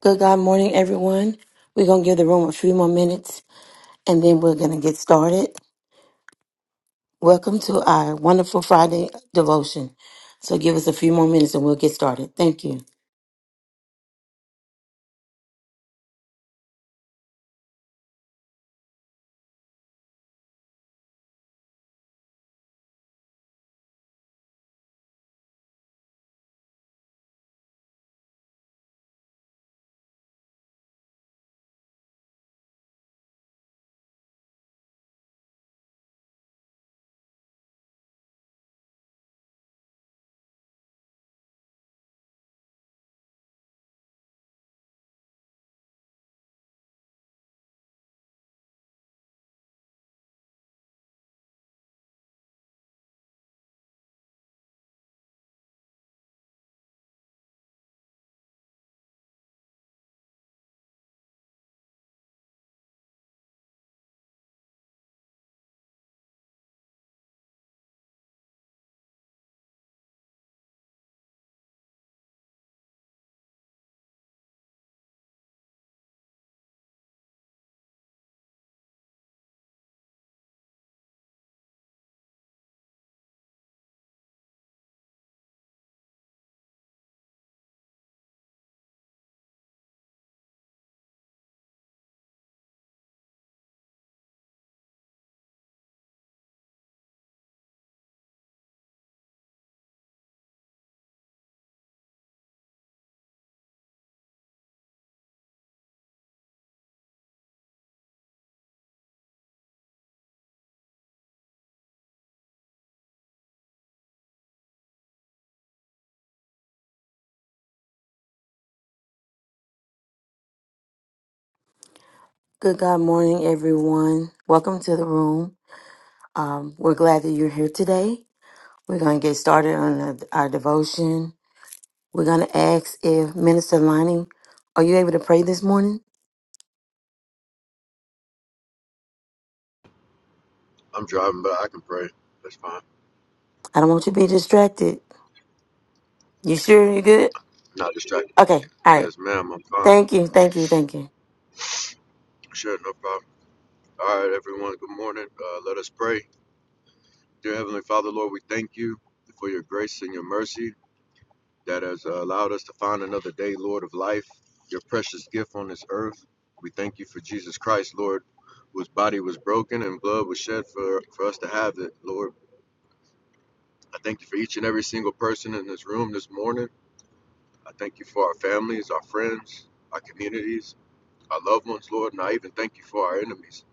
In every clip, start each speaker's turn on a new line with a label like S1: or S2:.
S1: Good God morning, everyone. We're going to give the room a few more minutes and then we're going to get started. Welcome to our wonderful Friday devotion. So give us a few more minutes and we'll get started. Thank you. Good God morning, everyone. Welcome to the room. Um, we're glad that you're here today. We're going to get started on our our devotion. We're going to ask if Minister Lining, are you able to pray this morning?
S2: I'm driving, but I can pray. That's fine.
S1: I don't want you to be distracted. You sure you're good?
S2: Not distracted.
S1: Okay. All right.
S2: Yes, ma'am. I'm fine.
S1: Thank you. Thank you. Thank you.
S2: Sure, no problem. All right, everyone. Good morning. Uh, let us pray. Dear Heavenly Father, Lord, we thank you for your grace and your mercy that has uh, allowed us to find another day, Lord of life, your precious gift on this earth. We thank you for Jesus Christ, Lord, whose body was broken and blood was shed for, for us to have it, Lord. I thank you for each and every single person in this room this morning. I thank you for our families, our friends, our communities. our loved ones, Lord, and I even thank you for our enemies.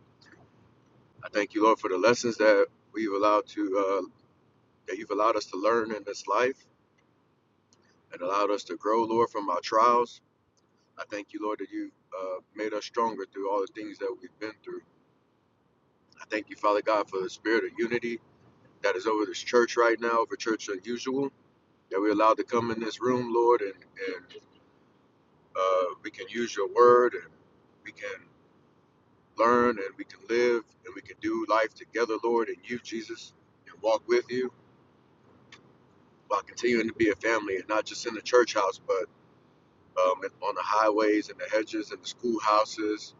S2: I thank you, Lord, for the lessons that we've allowed to uh, that you've allowed us to learn in this life and allowed us to grow, Lord, from our trials. I thank you, Lord, that you uh, made us stronger through all the things that we've been through. I thank you, Father God, for the spirit of unity that is over this church right now, over Church Unusual, that we're allowed to come in this room, Lord, and, and uh, we can use your word and we can learn and we can live and we can do life together, Lord, and you, Jesus, and walk with you while continuing to be a family and not just in the church house, but um, on the highways and the hedges and the schoolhouses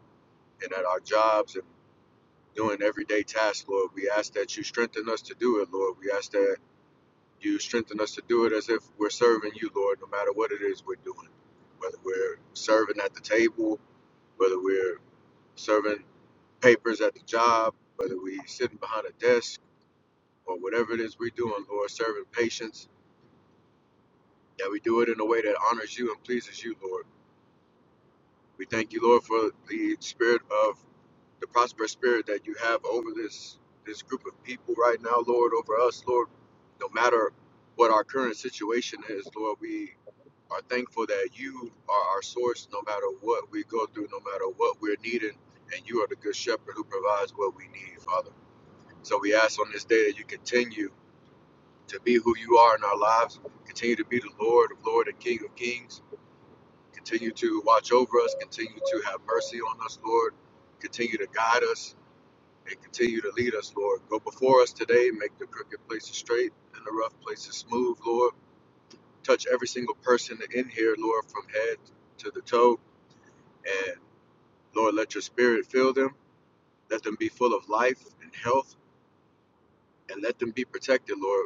S2: and at our jobs and doing everyday tasks, Lord. We ask that you strengthen us to do it, Lord. We ask that you strengthen us to do it as if we're serving you, Lord, no matter what it is we're doing, whether we're serving at the table, whether we're serving papers at the job, whether we are sitting behind a desk or whatever it is we're doing, Lord, serving patients, that we do it in a way that honors you and pleases you, Lord. We thank you, Lord, for the spirit of the prosperous spirit that you have over this this group of people right now, Lord, over us, Lord. No matter what our current situation is, Lord, we are thankful that you are our source no matter what we go through, no matter what we're needing, and you are the good shepherd who provides what we need, Father. So we ask on this day that you continue to be who you are in our lives. Continue to be the Lord of Lord and King of Kings. Continue to watch over us. Continue to have mercy on us, Lord. Continue to guide us and continue to lead us, Lord. Go before us today. Make the crooked places straight and the rough places smooth, Lord. Touch every single person in here, Lord, from head to the toe. And Lord, let your spirit fill them. Let them be full of life and health. And let them be protected, Lord.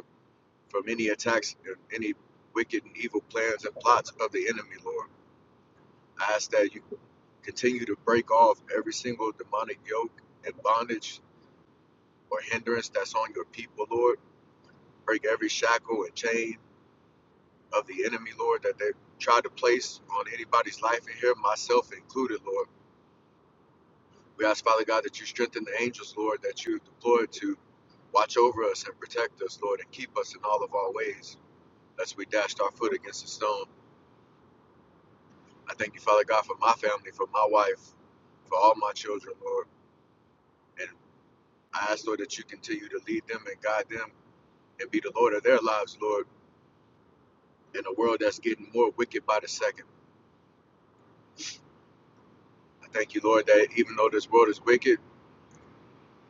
S2: from any attacks and any wicked and evil plans and plots of the enemy, Lord. I ask that you continue to break off every single demonic yoke and bondage or hindrance that's on your people, Lord. Break every shackle and chain of the enemy, Lord, that they tried to place on anybody's life in here, myself included, Lord. We ask, Father God, that you strengthen the angels, Lord, that you deploy to watch over us and protect us, Lord, and keep us in all of our ways, lest we dashed our foot against a stone. I thank you, Father God, for my family, for my wife, for all my children, Lord. And I ask, Lord, that you continue to lead them and guide them and be the Lord of their lives, Lord, in a world that's getting more wicked by the second. I thank you, Lord, that even though this world is wicked,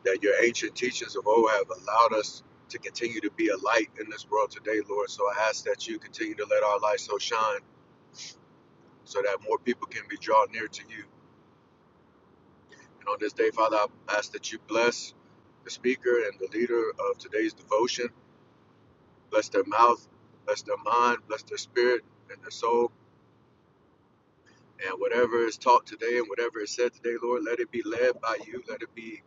S2: that your ancient teachings of old have allowed us to continue to be a light in this world today, Lord. So I ask that you continue to let our light so shine so that more people can be drawn near to you. And on this day, Father, I ask that you bless the speaker and the leader of today's devotion. Bless their mouth, bless their mind, bless their spirit and their soul. And whatever is taught today and whatever is said today, Lord, let it be led by you. Let it be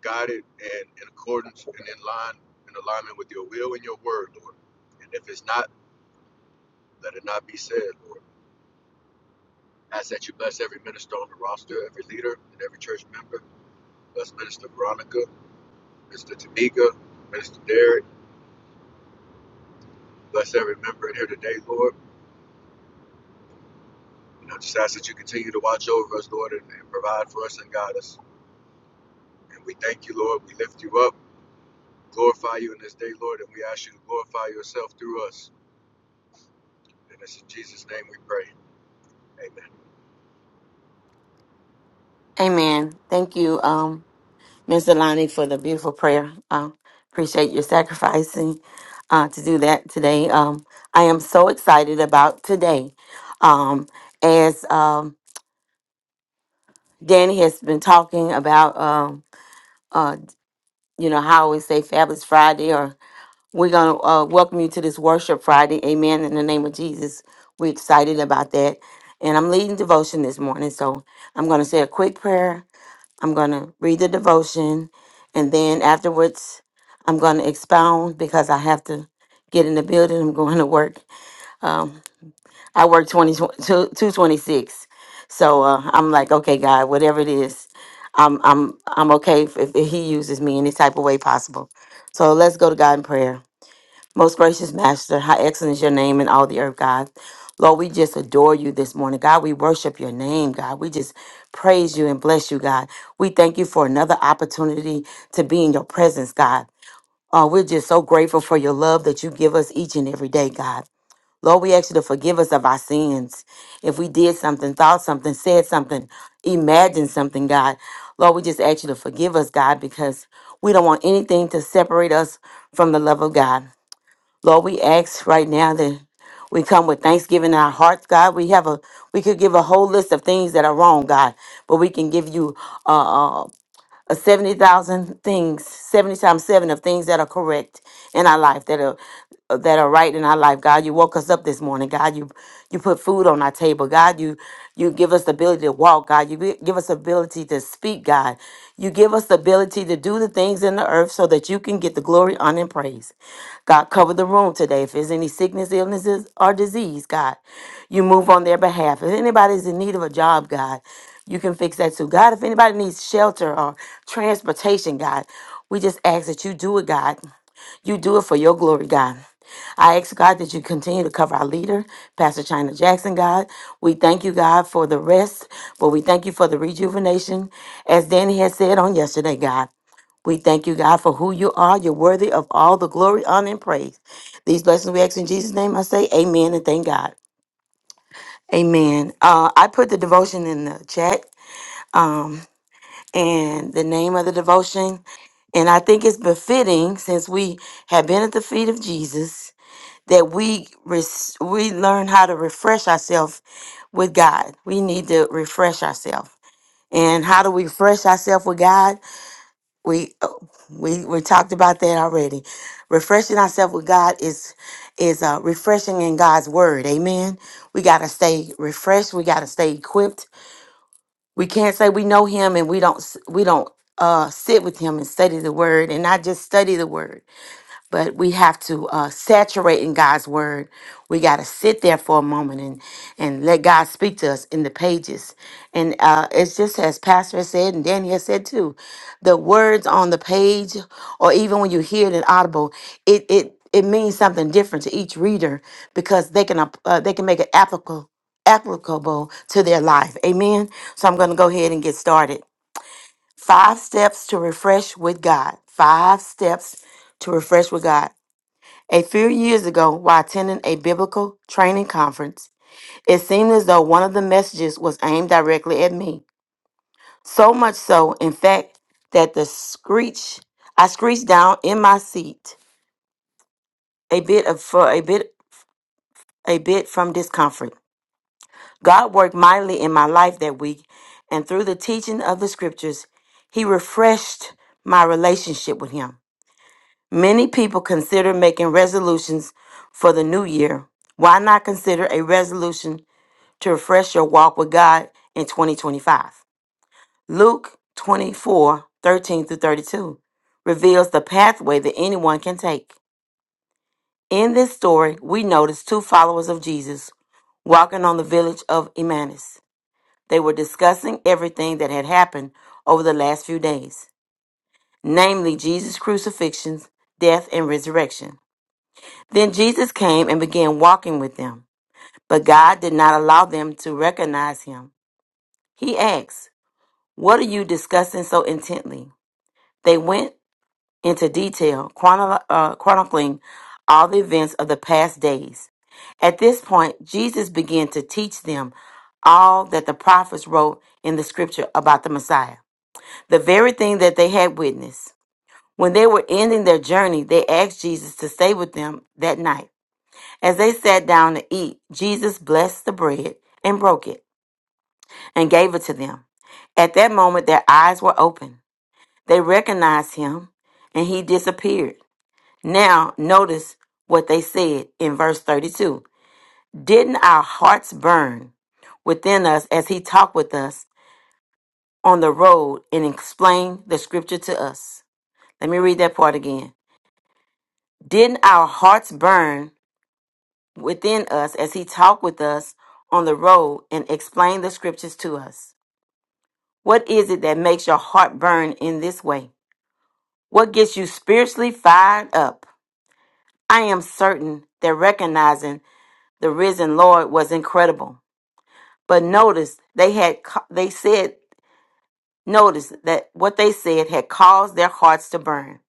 S2: guided and in accordance and in line, in alignment with your will and your word, Lord. And if it's not, let it not be said, Lord. I Ask that you bless every minister on the roster, every leader, and every church member. Bless Minister Veronica, Minister Tamika, Minister Derek. Bless every member in here today, Lord. And I just ask that you continue to watch over us, Lord, and, and provide for us and guide us. And we thank you, Lord. We lift you up, glorify you in this day, Lord, and we ask you to glorify yourself through us. And it's in Jesus' name we pray. Amen.
S1: Amen. Thank you, um, Ms. Alani, for the beautiful prayer. Um, appreciate your sacrificing uh, to do that today. Um, I am so excited about today. Um, as um, Danny has been talking about, um, uh, you know, how we say Fabulous Friday, or we're going to uh, welcome you to this Worship Friday. Amen. In the name of Jesus, we're excited about that. And I'm leading devotion this morning, so I'm going to say a quick prayer I'm going to read the devotion, and then afterwards, I'm going to expound because I have to get in the building. I'm going to work. Um, I work 2226, So uh, I'm like, okay, God, whatever it is, I'm, I'm, I'm okay if, if He uses me any type of way possible. So let's go to God in prayer. Most gracious Master, how excellent is your name in all the earth, God. Lord, we just adore you this morning. God, we worship your name, God. We just praise you and bless you, God. We thank you for another opportunity to be in your presence, God. Oh, we're just so grateful for your love that you give us each and every day, God. Lord, we ask you to forgive us of our sins. If we did something, thought something, said something, imagined something, God. Lord, we just ask you to forgive us, God, because we don't want anything to separate us from the love of God. Lord, we ask right now that we come with thanksgiving in our hearts, God. We have a we could give a whole list of things that are wrong, God, but we can give you uh, uh, uh, 70,000 things, 70 times 7 of things that are correct in our life, that are uh, that are right in our life. God, you woke us up this morning. God, you you put food on our table. God, you you give us the ability to walk. God, you gi- give us the ability to speak. God, you give us the ability to do the things in the earth so that you can get the glory, honor, and praise. God, cover the room today. If there's any sickness, illnesses, or disease, God, you move on their behalf. If anybody's in need of a job, God, you can fix that too. God, if anybody needs shelter or transportation, God, we just ask that you do it, God. You do it for your glory, God. I ask God that you continue to cover our leader, Pastor China Jackson, God. We thank you, God, for the rest, but we thank you for the rejuvenation. As Danny had said on yesterday, God, we thank you, God, for who you are. You're worthy of all the glory, honor, and praise. These blessings we ask in Jesus' name. I say amen and thank God. Amen. Uh, I put the devotion in the chat. Um, and the name of the devotion. And I think it's befitting since we have been at the feet of Jesus that we res- we learn how to refresh ourselves with God. We need to refresh ourselves. And how do we refresh ourselves with God? We uh, we we talked about that already. Refreshing ourselves with God is is uh, refreshing in God's word. Amen. We got to stay refreshed. We got to stay equipped we can't say we know him and we don't s- we don't uh sit with him and study the word and not just study the word but we have to uh, saturate in God's word. We got to sit there for a moment and and let God speak to us in the pages. And uh, it's just as Pastor has said, and Danny has said too, the words on the page, or even when you hear it in Audible, it it it means something different to each reader because they can ap- uh, they can make it applicable applicable to their life. Amen. So I'm going to go ahead and get started. Five steps to refresh with God. Five steps to refresh with God. A few years ago, while attending a biblical training conference, it seemed as though one of the messages was aimed directly at me. So much so, in fact, that the screech I screeched down in my seat, a bit of for a bit a bit from discomfort. God worked mightily in my life that week, and through the teaching of the scriptures, he refreshed my relationship with him. Many people consider making resolutions for the new year. Why not consider a resolution to refresh your walk with God in 2025. Luke 24:13 through 32 reveals the pathway that anyone can take. In this story, we notice two followers of Jesus walking on the village of Emmaus. They were discussing everything that had happened over the last few days, namely Jesus' crucifixion, death, and resurrection. Then Jesus came and began walking with them, but God did not allow them to recognize him. He asked, What are you discussing so intently? They went into detail, chronolo- uh, chronicling all the events of the past days. At this point, Jesus began to teach them all that the prophets wrote in the scripture about the Messiah, the very thing that they had witnessed. When they were ending their journey, they asked Jesus to stay with them that night. As they sat down to eat, Jesus blessed the bread and broke it and gave it to them. At that moment, their eyes were open They recognized him and he disappeared. Now, notice what they said in verse 32 Didn't our hearts burn within us as he talked with us on the road and explained the scripture to us? Let me read that part again. Didn't our hearts burn within us as he talked with us on the road and explained the scriptures to us? What is it that makes your heart burn in this way? What gets you spiritually fired up? I am certain that recognizing the risen Lord was incredible. But notice they had ca- they said notice that what they said had caused their hearts to burn.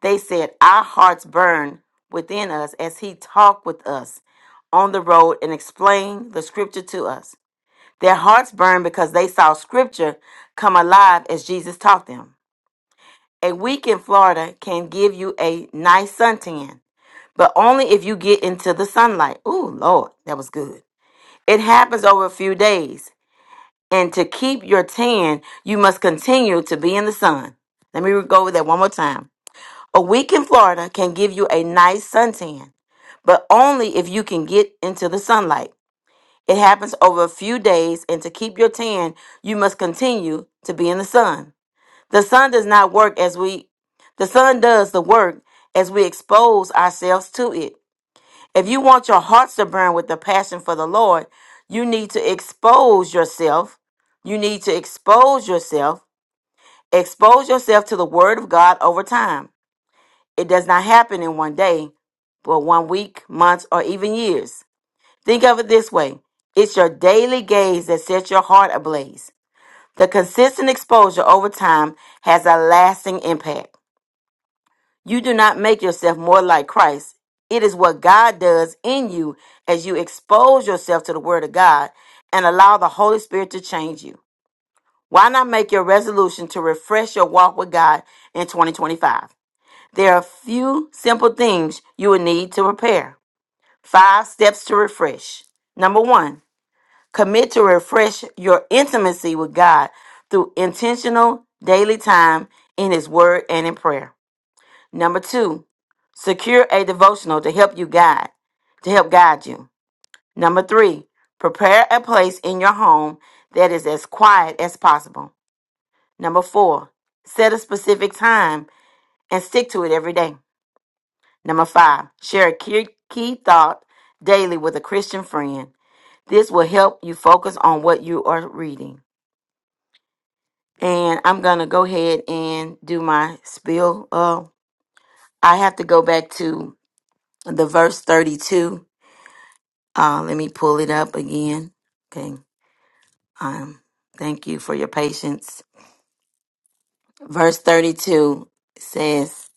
S1: They said our hearts burn within us as he talked with us on the road and explained the scripture to us. Their hearts burned because they saw scripture come alive as Jesus taught them. A week in Florida can give you a nice suntan but only if you get into the sunlight. Ooh, Lord, that was good. It happens over a few days. And to keep your tan, you must continue to be in the sun. Let me go over that one more time. A week in Florida can give you a nice suntan, but only if you can get into the sunlight. It happens over a few days, and to keep your tan, you must continue to be in the sun. The sun does not work as we, the sun does the work as we expose ourselves to it. If you want your hearts to burn with the passion for the Lord, you need to expose yourself. You need to expose yourself. Expose yourself to the Word of God over time. It does not happen in one day, but one week, months, or even years. Think of it this way it's your daily gaze that sets your heart ablaze. The consistent exposure over time has a lasting impact. You do not make yourself more like Christ. It is what God does in you as you expose yourself to the Word of God and allow the Holy Spirit to change you. Why not make your resolution to refresh your walk with God in 2025? There are a few simple things you will need to prepare. Five steps to refresh. Number one, commit to refresh your intimacy with God through intentional daily time in His Word and in prayer. Number two, secure a devotional to help you guide, to help guide you. Number three, prepare a place in your home that is as quiet as possible. Number four, set a specific time and stick to it every day. Number five, share a key, key thought daily with a Christian friend. This will help you focus on what you are reading. And I'm going to go ahead and do my spiel. Uh, I have to go back to the verse 32 Uh, let me pull it up again. Okay. Um, thank you for your patience. Verse 32 says,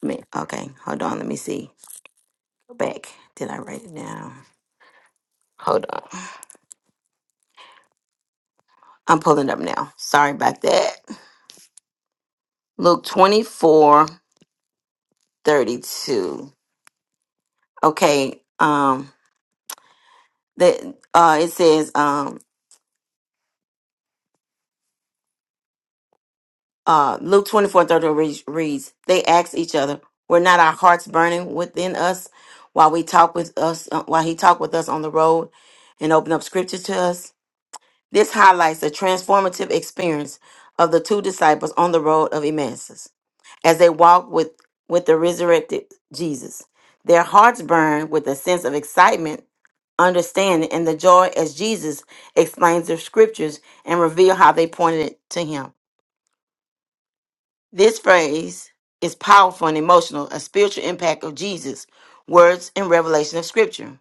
S1: let me- okay, hold on. Let me see. Go back. Did I write it down? Hold on. I'm pulling up now. Sorry about that. Luke 24 32. Okay. Um, that uh, it says, um, uh, Luke 24 30 reads, reads, They asked each other, Were not our hearts burning within us while we talk with us, uh, while he talked with us on the road and opened up scriptures to us? This highlights the transformative experience of the two disciples on the road of Emmaus as they walked with, with the resurrected Jesus. Their hearts burned with a sense of excitement, understanding, and the joy as Jesus explains the scriptures and reveal how they pointed to him. This phrase is powerful and emotional, a spiritual impact of Jesus' words and revelation of Scripture.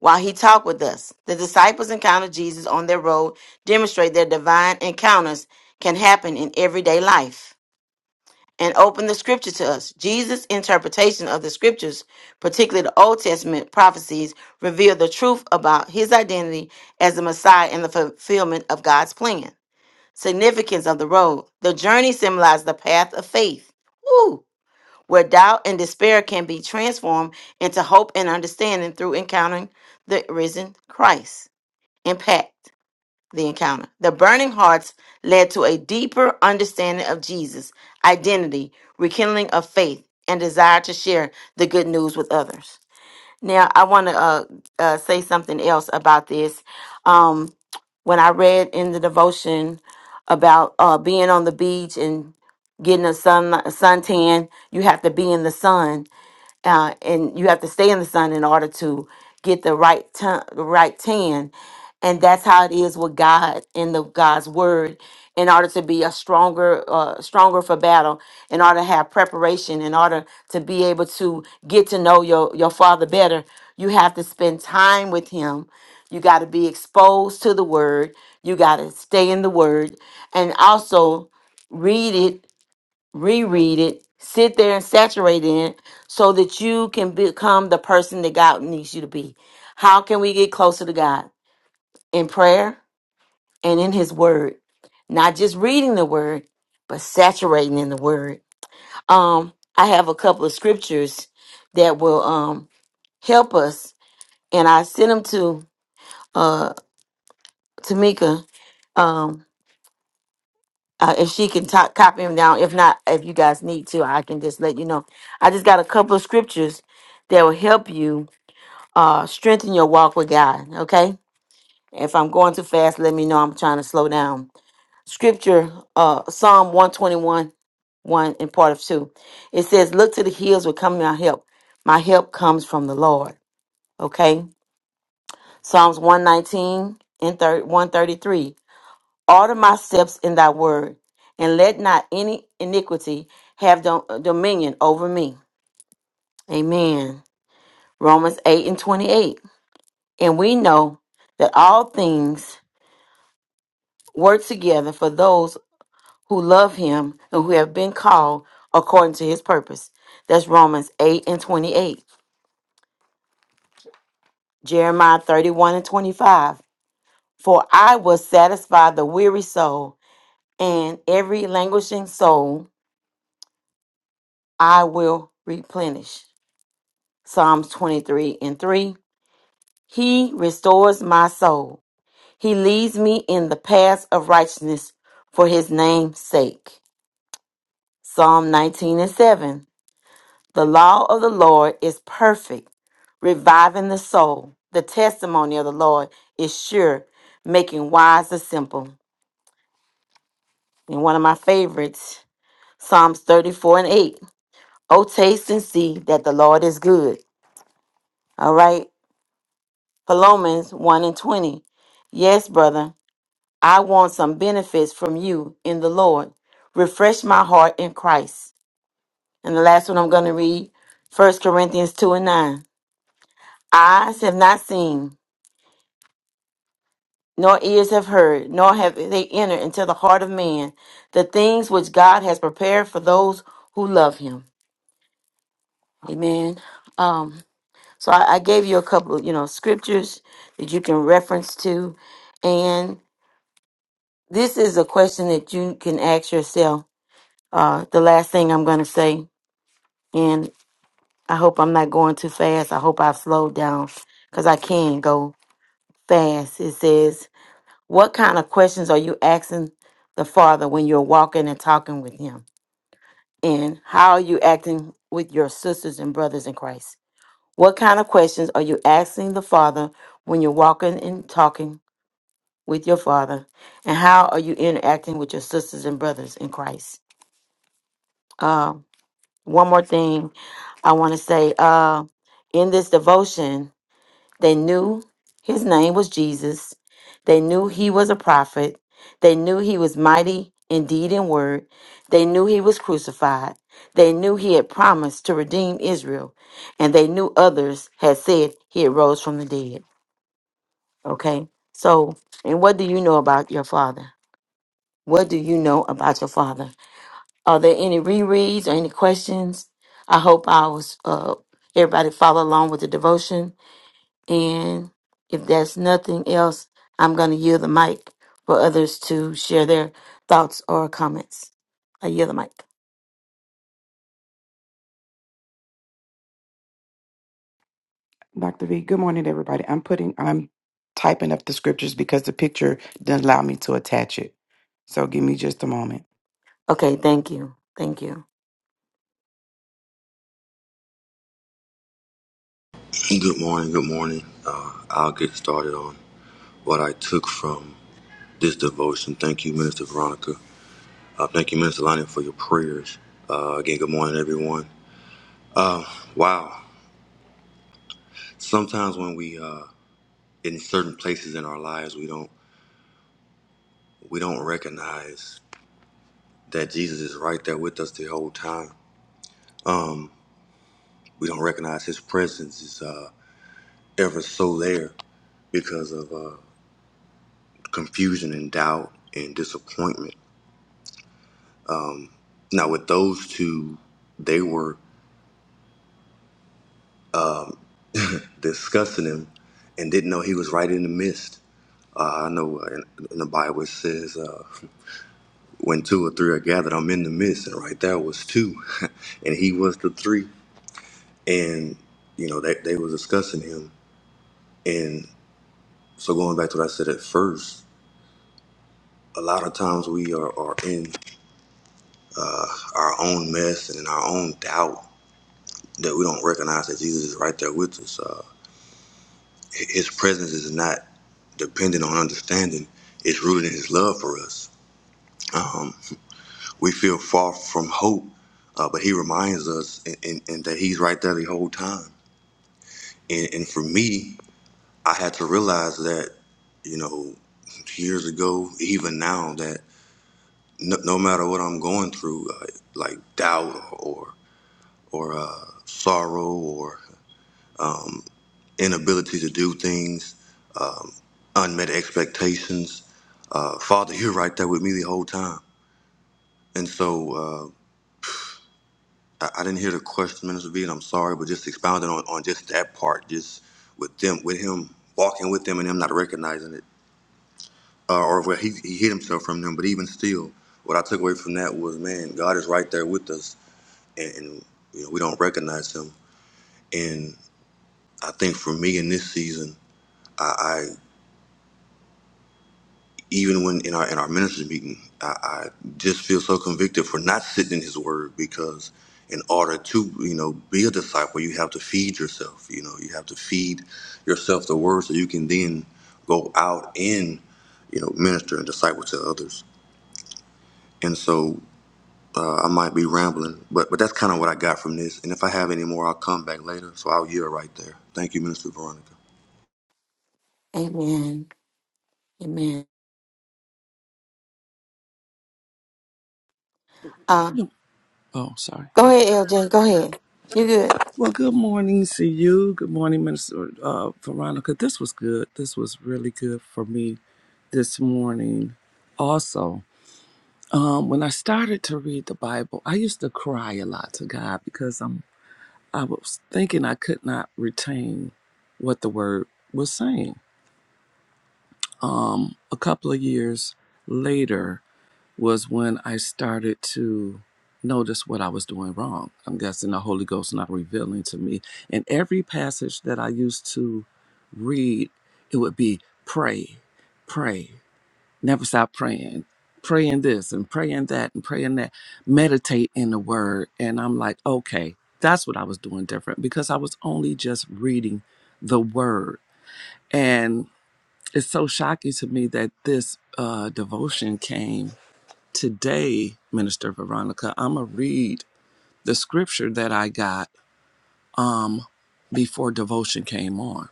S1: While he talked with us, the disciples encountered Jesus on their road, demonstrate their divine encounters can happen in everyday life, and open the Scripture to us. Jesus' interpretation of the Scriptures, particularly the Old Testament prophecies, reveal the truth about his identity as the Messiah and the fulfillment of God's plan. Significance of the road. The journey symbolizes the path of faith. Woo! where doubt and despair can be transformed into hope and understanding through encountering the risen Christ. Impact the encounter. The burning hearts led to a deeper understanding of Jesus, identity, rekindling of faith, and desire to share the good news with others. Now, I want to uh, uh, say something else about this. Um, when I read in the devotion about uh, being on the beach and getting a sun suntan, you have to be in the sun uh, and you have to stay in the sun in order to get the right ton, the right tan. And that's how it is with God and the God's word. In order to be a stronger, uh, stronger for battle, in order to have preparation, in order to be able to get to know your your Father better, you have to spend time with Him. You got to be exposed to the Word. You got to stay in the Word, and also read it reread it, sit there and saturate in it so that you can become the person that God needs you to be. How can we get closer to God? In prayer and in his word. Not just reading the word, but saturating in the word. Um I have a couple of scriptures that will um help us and I sent them to uh Tamika um. uh, if she can top, copy them down. If not, if you guys need to, I can just let you know. I just got a couple of scriptures that will help you uh, strengthen your walk with God. Okay. If I'm going too fast, let me know. I'm trying to slow down. Scripture, uh, Psalm 121, 1 and part of 2. It says, Look to the hills will come my help. My help comes from the Lord. Okay. Psalms 119 and thir- 133. Order my steps in thy word, and let not any iniquity have dom- uh, dominion over me. Amen. Romans 8 and 28. And we know that all things work together for those who love him and who have been called according to his purpose. That's Romans 8 and 28. Jeremiah 31 and 25. For I will satisfy the weary soul, and every languishing soul I will replenish. Psalms 23 and 3. He restores my soul. He leads me in the paths of righteousness for his name's sake. Psalm 19 and 7. The law of the Lord is perfect, reviving the soul. The testimony of the Lord is sure, making wise the simple. And one of my favorites, Psalms 34 and 8. Oh, taste and see that the Lord is good. All right. Philomans 1 and 20. Yes, brother. I want some benefits from you in the Lord. Refresh my heart in Christ. And the last one I'm going to read, First Corinthians 2 and 9. Eyes have not seen, nor ears have heard, nor have they entered into the heart of man the things which God has prepared for those who love him. Amen. Um, so I, I gave you a couple of, you know, scriptures that you can reference to. And this is a question that you can ask yourself. Uh, the last thing I'm going to say And I hope I'm not going too fast. I hope I slowed down because I can go fast. It says, What kind of questions are you asking the Father when you're walking and talking with Him? And how are you acting with your sisters and brothers in Christ? What kind of questions are you asking the Father when you're walking and talking with your Father? And how are you interacting with your sisters and brothers in Christ? Uh, one more thing I want to say uh, in this devotion. They knew his name was Jesus. They knew he was a prophet. They knew he was mighty in deed and word. They knew he was crucified. They knew he had promised to redeem Israel. And they knew others had said he had rose from the dead. Okay? So, and what do you know about your father? What do you know about your father? Are there any rereads or any questions? I hope I was uh everybody follow along with the devotion. And if there's nothing else, I'm going to yield the mic for others to share their thoughts or comments. I yield the mic.
S3: Dr. V. Good morning, everybody. I'm putting, I'm typing up the scriptures because the picture doesn't allow me to attach it. So give me just a moment.
S1: Okay, thank you. Thank you.
S4: Good morning, good morning. Uh, I'll get started on what I took from this devotion. Thank you, Minister Veronica. Uh, thank you, Minister Lonnie, for your prayers. Uh, again, good morning, everyone. Wow. Sometimes when we uh, in certain places in our lives, we don't we don't recognize that Jesus is right there with us the whole time. We don't recognize His presence is uh, ever so there because of uh, confusion and doubt and disappointment. Now, with those two, they were discussing him and didn't know he was right in the midst. Uh, I know in, in the Bible it says, uh, when two or three are gathered, I'm in the midst. And right there was two. and he was the three. And, you know, they, they were discussing him. And so going back to what I said at first, a lot of times we are, are in uh, our own mess and in our own doubt that we don't recognize that Jesus is right there with us. Uh, hi- his presence is not dependent on understanding. It's rooted in his love for us. Um, we feel far from hope, uh, but he reminds us and, and, and that he's right there the whole time. And, and for me, I had to realize that, you know, years ago, even now, that no, no matter what I'm going through, uh, like doubt or or uh, sorrow or inability to do things, unmet expectations, uh, Father, you're right there with me the whole time. And so uh, I, I didn't hear the question, Minister V, and I'm sorry, but just expounding on, on just that part, just with them, with him walking with them and him not recognizing it, uh, or where he, he hid himself from them. But even still, what I took away from that was, man, God is right there with us, and, and you know we don't recognize him. And I think for me in this season, I. even when in our in our ministry meeting, I, I just feel so convicted for not sitting in His Word because in order to you know be a disciple, you have to feed yourself. You know, you have to feed yourself the Word so you can then go out and you know minister and disciple to others. And so uh, I might be rambling, but but that's kind of what I got from this. And if I have any more, I'll come back later. So I'll yield right there. Thank you, Minister Veronica.
S1: Amen. Amen. Uh,
S5: Oh, sorry.
S1: go ahead, LJ. Go ahead. You good?
S5: Well, good morning to you. Good morning, Minister uh, Veronica. This was good. This was really good for me this morning. Also, um, when I started to read the Bible, I used to cry a lot to God because I'm I was thinking I could not retain what the Word was saying. A couple of years later, was when I started to notice what I was doing wrong. I'm guessing the Holy Ghost not revealing to me. And every passage that I used to read, it would be pray, pray, never stop praying, praying this and praying that and praying that, meditate in the word. And I'm like, okay, that's what I was doing different because I was only just reading the word. And it's so shocking to me that this uh, devotion came Today, Minister Veronica, I'm going to read the scripture that I got before devotion came on.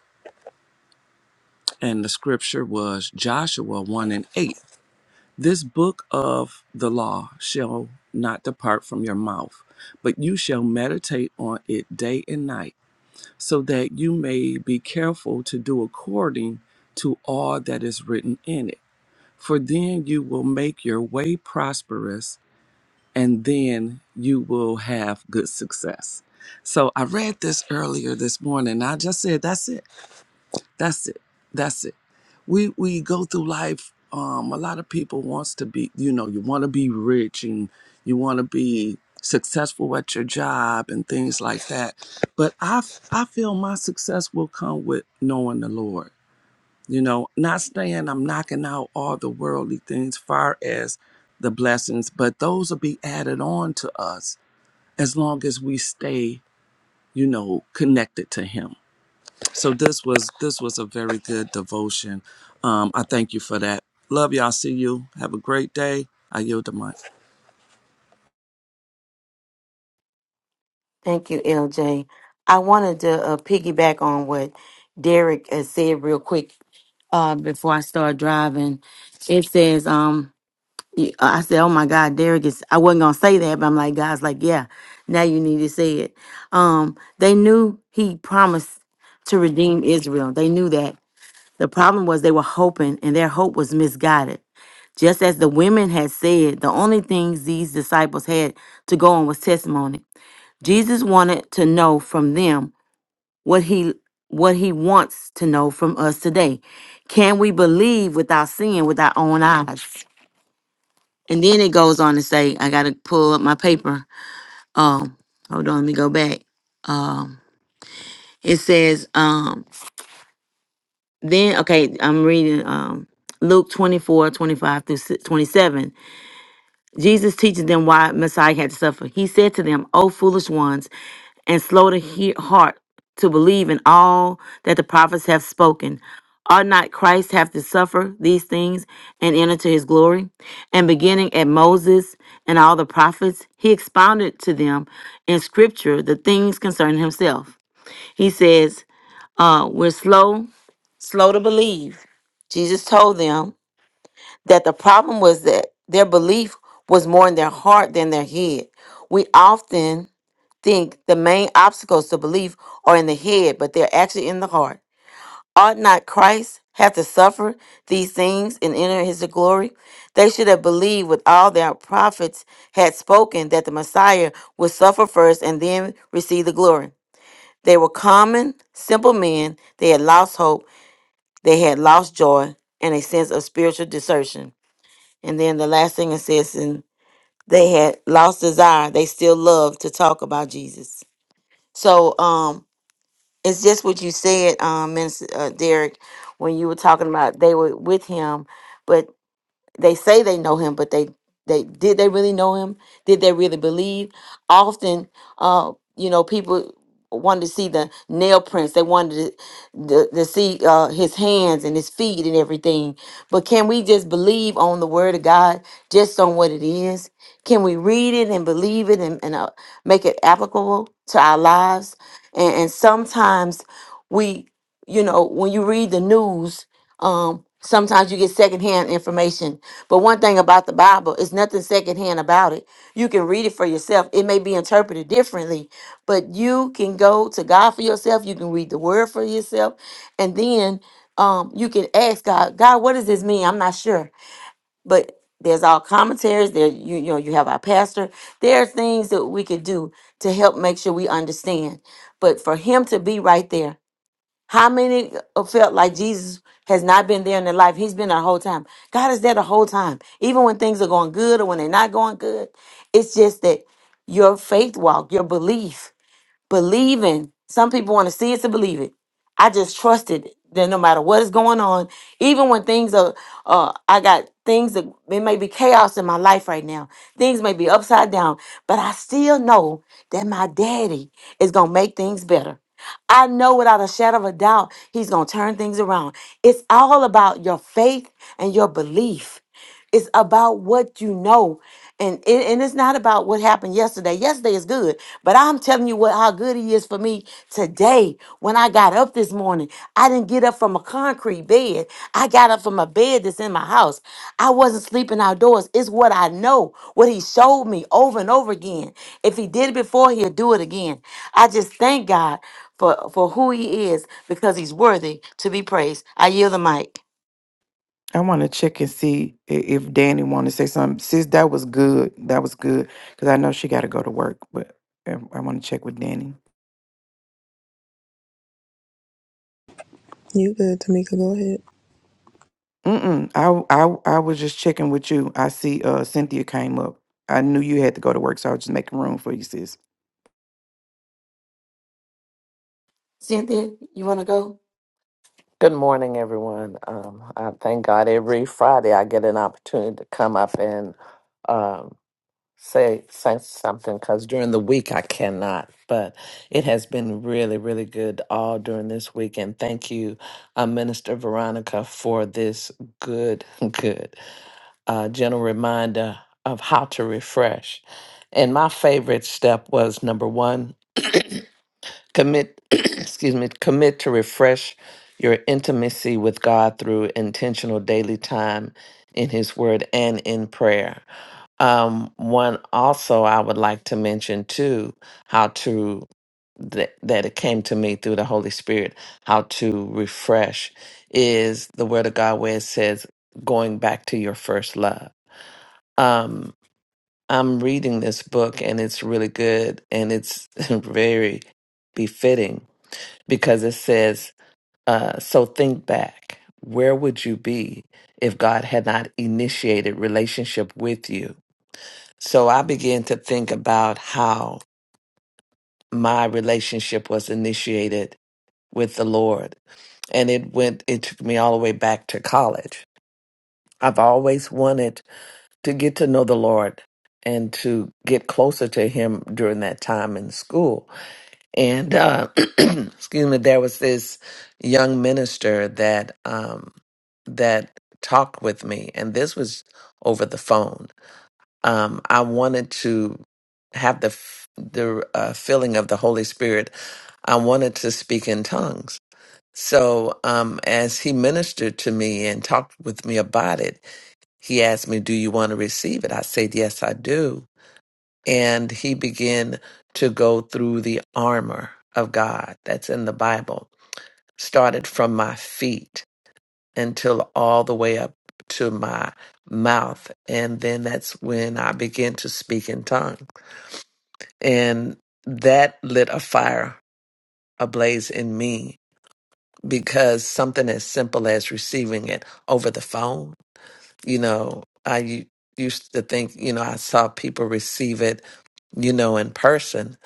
S5: And the scripture was Joshua 1 and 8. This book of the law shall not depart from your mouth, but you shall meditate on it day and night, so that you may be careful to do according to all that is written in it. For then you will make your way prosperous and then you will have good success. So I read this earlier this morning. I just said, that's it. That's it. That's it. We we go through life. Um, a lot of people wants to be, you know, you want to be rich and you want to be successful at your job and things like that. But I f- I feel my success will come with knowing the Lord. You know, not saying I'm knocking out all the worldly things far as the blessings, but those will be added on to us as long as we stay, you know, connected to him. So this was this was a very good devotion. Um, I thank you for that. Love y'all. See you. Have a great day. I yield the mic.
S1: Thank you, LJ. I wanted to uh, piggyback on what Derek uh, said real quick uh, before I start driving. It says, um, You, uh, I said, "Oh my God, Derek is." I wasn't gonna say that, but I'm like, God's like, yeah, now you need to say it. Um, they knew He promised to redeem Israel. They knew that. The problem was they were hoping, and their hope was misguided. Just as the women had said, the only things these disciples had to go on was testimony. Jesus wanted to know from them what he what he wants to know from us today. Can we believe without seeing with our own eyes? And then it goes on to say, I gotta pull up my paper. Um, hold on, let me go back. Um, it says, um, then okay, I'm reading um Luke 24, 25 through si- 27. Jesus teaches them why Messiah had to suffer. He said to them, O foolish ones, and slow to hear heart to believe in all that the prophets have spoken. Ought not Christ have to suffer these things and enter to his glory? And beginning at Moses and all the prophets, he expounded to them in scripture the things concerning himself. He says, uh, We're slow, slow to believe. Jesus told them that the problem was that their belief was more in their heart than their head. We often think the main obstacles to belief are in the head, but they're actually in the heart. Ought not Christ have to suffer these things and enter his glory? They should have believed with all their prophets had spoken that the Messiah would suffer first and then receive the glory. They were common, simple men. They had lost hope, they had lost joy, and a sense of spiritual desertion. And then the last thing it says, and they had lost desire. They still love to talk about Jesus. So um, it's just what you said, um, Minister uh, Derek, when you were talking about they were with him, but they say they know him, but they they did they really know him? Did they really believe? Often, uh, you know, people wanted to see the nail prints. They wanted to, to, to see uh, his hands and his feet and everything. But can we just believe on the word of God, just on what it is? Can we read it and believe it and, and uh, make it applicable to our lives? And, and sometimes we, you know, when you read the news, um, sometimes you get secondhand information but one thing about the Bible, it's nothing secondhand about it. You can read it for yourself. It may be interpreted differently, but you can go to God for yourself. You can read the word for yourself. And then um, you can ask God, God, what does this mean? I'm not sure. But there's our commentaries. There, you, you know, you have our pastor. There are things that we can do to help make sure we understand. But for him to be right there how many felt like Jesus has not been there in their life? He's been there the whole time. God is there the whole time, even when things are going good or when they're not going good. It's just that your faith walk, your belief, believing. Some people want to see it to believe it. I just trusted that no matter what is going on, even when things are, uh, I got things that it may be chaos in my life right now. Things may be upside down, but I still know that my daddy is gonna make things better. I know without a shadow of a doubt, He's going to turn things around. It's all about your faith and your belief. It's about what you know. And, it, and it's not about what happened yesterday. Yesterday is good, but I'm telling you what how good he is for me today. When I got up this morning, I didn't get up from a concrete bed. I got up from a bed that's in my house. I wasn't sleeping outdoors. It's what I know, what he showed me over and over again. If he did it before, he'll do it again. I just thank God for for who he is because he's worthy to be praised. I yield the mic.
S3: I want to check and see i- if Danny want to say something. Sis, that was good. That was good because I know she got to go to work, but I, I want to check with Danny.
S6: You good, Tamika? Go ahead.
S3: Mm-mm. I, I I was just checking with you. I see uh Cynthia came up. I knew you had to go to work, so I was just making room for you, sis.
S1: Cynthia, you want to go?
S7: Good morning, everyone. Um, I thank God every Friday I get an opportunity to come up and um, say, say something because during the week I cannot. But it has been really, really good all during this week. And thank you, uh, Minister Veronica, for this good, good uh, gentle reminder of how to refresh. And my favorite step was number one commit excuse me commit to refresh your intimacy with god through intentional daily time in his word and in prayer um one also i would like to mention too how to that, that it came to me through the holy spirit how to refresh is the word of god where it says going back to your first love um i'm reading this book and it's really good and it's very befitting because it says, uh, So think back. Where would you be if God had not initiated relationship with you? So I began to think about how my relationship was initiated with the Lord. And it went, it took me all the way back to college. I've always wanted to get to know the Lord and to get closer to Him during that time in school. And uh, excuse me, there was this young minister that um, that talked with me, and this was over the phone. Um, I wanted to have the f- the uh, feeling of the Holy Spirit. I wanted to speak in tongues. So um, as he ministered to me and talked with me about it, he asked me, "Do you want to receive it?" I said, "Yes, I do." and he began to go through the armor of God that's in the Bible, started from my feet until all the way up to my mouth. And then that's when I began to speak in tongues. And that lit a fire ablaze in me because something as simple as receiving it over the phone, you know, I u- used to think, you know, I saw people receive it you know, in person,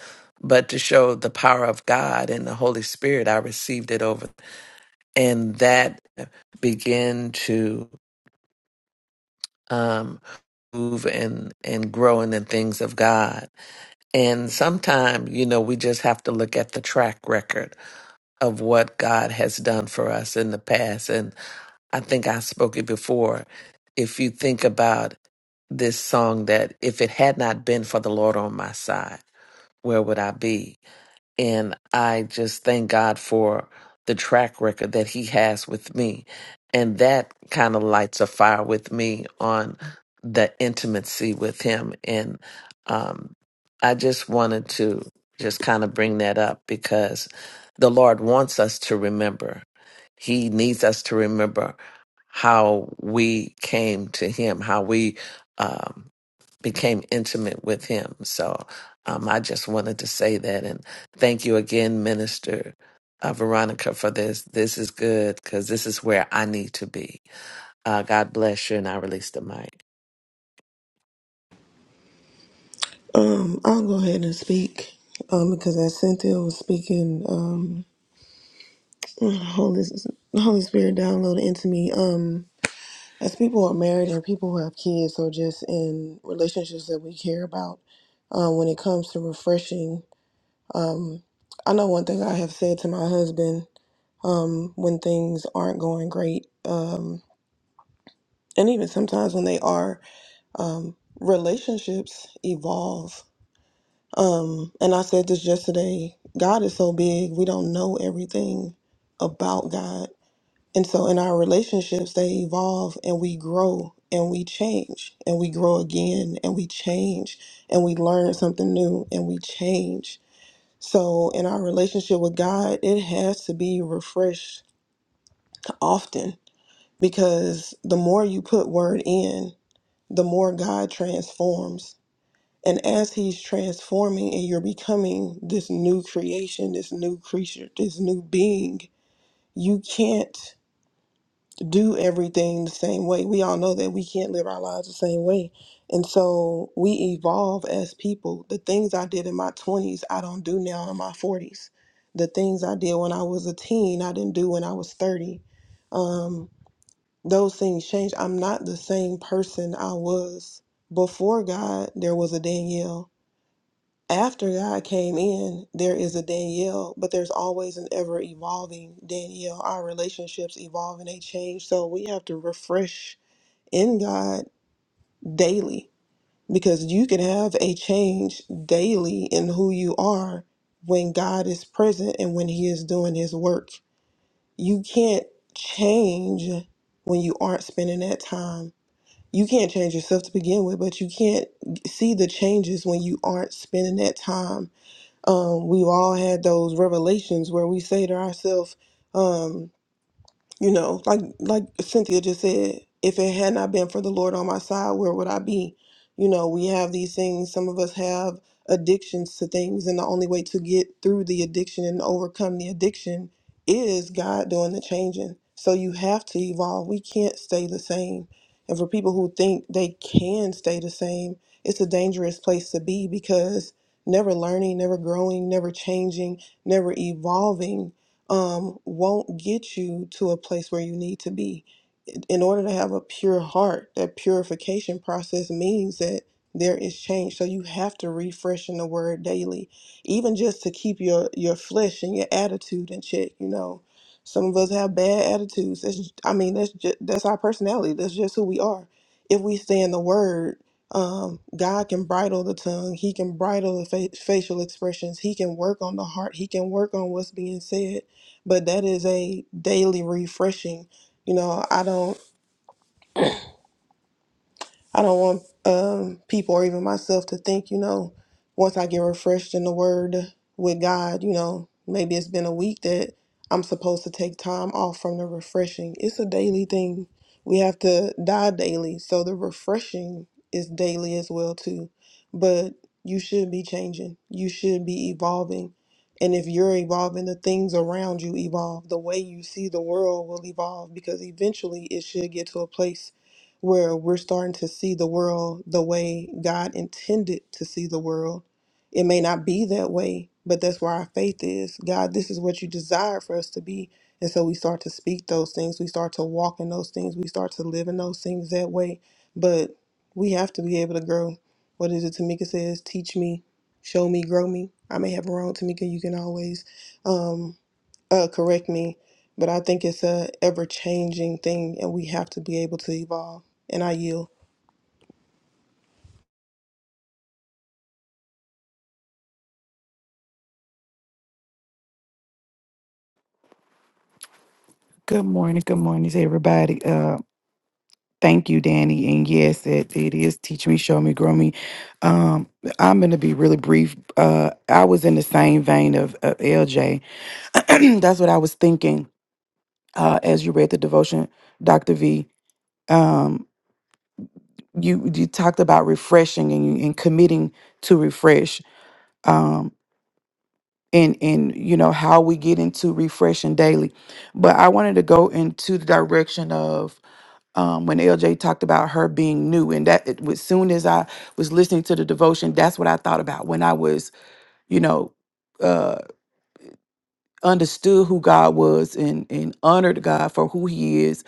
S7: but to show the power of God and the Holy Spirit, I received it over, and that began to um, move and and grow in the things of God. And sometimes, you know, we just have to look at the track record of what God has done for us in the past. And I think I spoke it before. If you think about this song, that if it had not been for the Lord on my side, where would I be? And I just thank God for the track record that He has with me. And that kind of lights a fire with me on the intimacy with Him. And um, I just wanted to just kind of bring that up because the Lord wants us to remember. He needs us to remember how we came to Him, how we. Um, became intimate with him. So um, I just wanted to say that and thank you again, Minister uh, Veronica, for this. This is good because this is where I need to be. Uh, God bless you, and I release the mic.
S6: Um, I'll go ahead and speak. Um, because as Cynthia was speaking, um, Holy Holy Spirit downloaded into me. Um, as people are married and people who have kids or just in relationships that we care about, um, when it comes to refreshing, I know one thing I have said to my husband, um, when things aren't going great, um, and even sometimes when they are, um, relationships evolve Um, and I said this yesterday God is so big, we don't know everything about God. And so in our relationships, they evolve and we grow and we change and we grow again and we change and we learn something new and we change. So in our relationship with God, it has to be refreshed often because the more you put word in, the more God transforms and as he's transforming and you're becoming this new creation, this new creature, this new being, you can't do everything the same way. We all know that we can't live our lives the same way. And so we evolve as people. The things I did in my 20s, I don't do now in my 40s. The things I did when I was a teen, I didn't do when I was 30. Um, those things change. I'm not the same person I was before God. There was a Danielle after God came in, there is a Danielle, but there's always an ever evolving Danielle. Our relationships evolve and they change. So we have to refresh in God daily because you can have a change daily in who you are when God is present and when He is doing His work. You can't change when you aren't spending that time. You can't change yourself to begin with, but you can't see the changes when you aren't spending that time um, we've all had those revelations where we say to ourselves, um, you know, like like Cynthia just said, if it had not been for the Lord on my side, where would I be? You know, we have these things. Some of us have addictions to things, and the only way to get through the addiction and overcome the addiction is God doing the changing. So you have to evolve. We can't stay the same. And for people who think they can stay the same, it's a dangerous place to be because never learning, never growing, never changing, never evolving um, won't get you to a place where you need to be. In order to have a pure heart, that purification process means that there is change. So you have to refresh in the word daily, even just to keep your, your flesh and your attitude in check. You know, some of us have bad attitudes. That's, I mean, that's just, that's our personality. That's just who we are. If we stay in the word, um, God can bridle the tongue. He can bridle the fa- facial expressions. He can work on the heart. He can work on what's being said but that is a daily refreshing. You know, I don't I don't want um, people or even myself to think, you know, once I get refreshed in the word with God, you know, maybe it's been a week that I'm supposed to take time off from the refreshing. It's a daily thing. We have to die daily. So the refreshing is daily as well too. But you should be changing. You should be evolving. And if you're evolving, the things around you evolve. The way you see the world will evolve because eventually it should get to a place where we're starting to see the world the way God intended to see the world. It may not be that way, but that's where our faith is. God, this is what you desire for us to be. And so we start to speak those things. We start to walk in those things. We start to live in those things that way. But we have to be able to grow. What is it Tamika says? Teach me, show me, grow me. I may have wrong, Tamika. You can always. Um, uh, correct me, but I think it's a ever changing thing, and we have to be able to evolve. And I yield.
S3: Good morning. Good morning, everybody. Thank you, Danny. And yes, it, it is teach me, show me, grow me. Um, I'm gonna be really brief. Uh, I was in the same vein of, of LJ. That's what I was thinking uh, as you read the devotion, Doctor V. Um, you you talked about refreshing and, you- and committing to refresh. Um, and and you know how we get into refreshing daily, but I wanted to go into the direction of um, when LJ talked about her being new, and that it, as soon as I was listening to the devotion, that's what I thought about when I was, you know, uh, understood who God was and and honored God for who He is.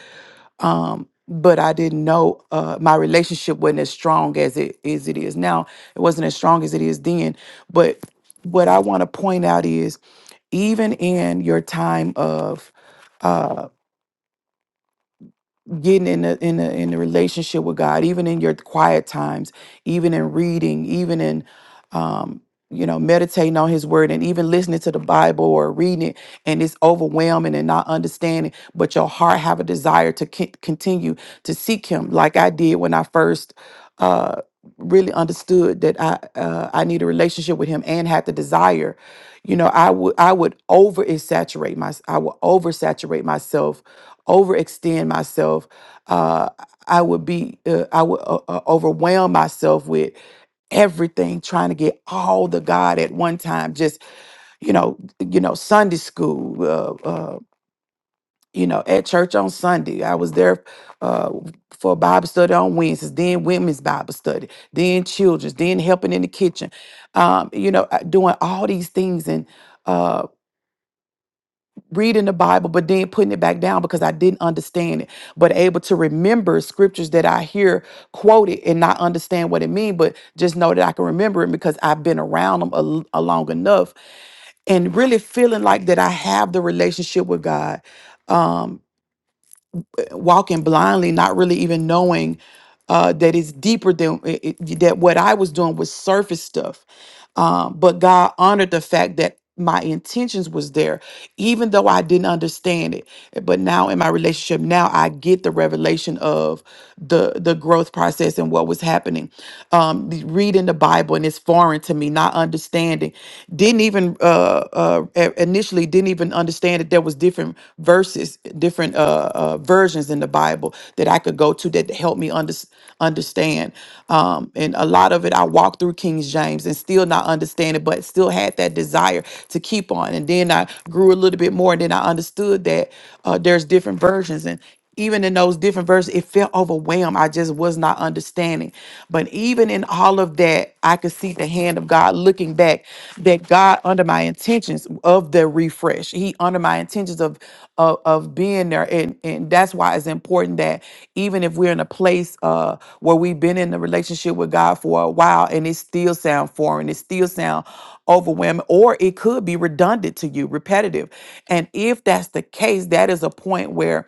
S3: Um, but I didn't know uh, my relationship wasn't as strong as it as it is now. It wasn't as strong as it is then. But what I want to point out is, even in your time of uh, getting in a in a in a relationship with God, even in your quiet times, even in reading, even in um, you know, meditating on his word and even listening to the Bible or reading it and it's overwhelming and not understanding, but your heart have a desire to con- continue to seek him like I did when I first uh really understood that I uh, I need a relationship with him and had the desire. You know, I would I would over saturate my I would oversaturate myself overextend myself uh, I would be, uh, I would uh, uh, overwhelm myself with everything, trying to get all the God at one time. Just you know, you know, Sunday school, uh, uh, you know, at church on Sunday. I was there uh, for Bible study on Wednesdays, then women's Bible study, then children's, then helping in the kitchen. Um, you know, uh, doing all these things and. uh, reading the Bible, but then putting it back down because I didn't understand it, but able to remember scriptures that I hear quoted and not understand what it means, but just know that I can remember it because I've been around them a, a long enough and really feeling like that I have the relationship with God. Um, walking blindly, not really even knowing uh, that it's deeper than it, it- that. What I was doing was surface stuff, um, but God honored the fact that my intentions was there, even though I didn't understand it. But now in my relationship, now I get the revelation of the the growth process and what was happening. Um, the- reading the Bible and it's foreign to me, not understanding. Didn't even uh, uh, a- initially didn't even understand understand that there was different verses, different uh, uh, versions in the Bible that I could go to that helped me under, understand. Um, and a lot of it I walked through King James and still not understand it, but still had that desire to keep on. And then I grew a little bit more, and then I understood that uh, there's different versions. And even in those different verses, it felt overwhelmed. I just was not understanding. But even in all of that, I could see the hand of God looking back that God under my intentions of the refresh. He under my intentions of of, of being there. And and that's why it's important that even if we're in a place uh where we've been in a relationship with God for a while and it still sound foreign, it still sound overwhelming, or it could be redundant to you, repetitive. And if that's the case, that is a point where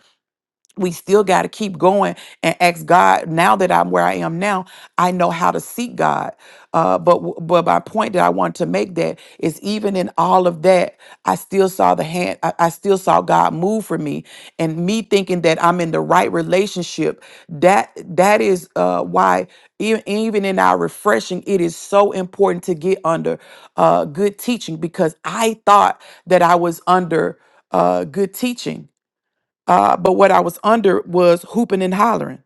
S3: we still got to keep going and ask God. Now that I'm where I am now, I know how to seek God. Uh, but w- but my point that I want to make that is even in all of that, I still saw the hand. I, I still saw God move for me, and me thinking that I'm in the right relationship. That that is uh, why e- even in our refreshing, it is so important to get under uh, good teaching because I thought that I was under uh, good teaching uh, but what I was under was hooping and hollering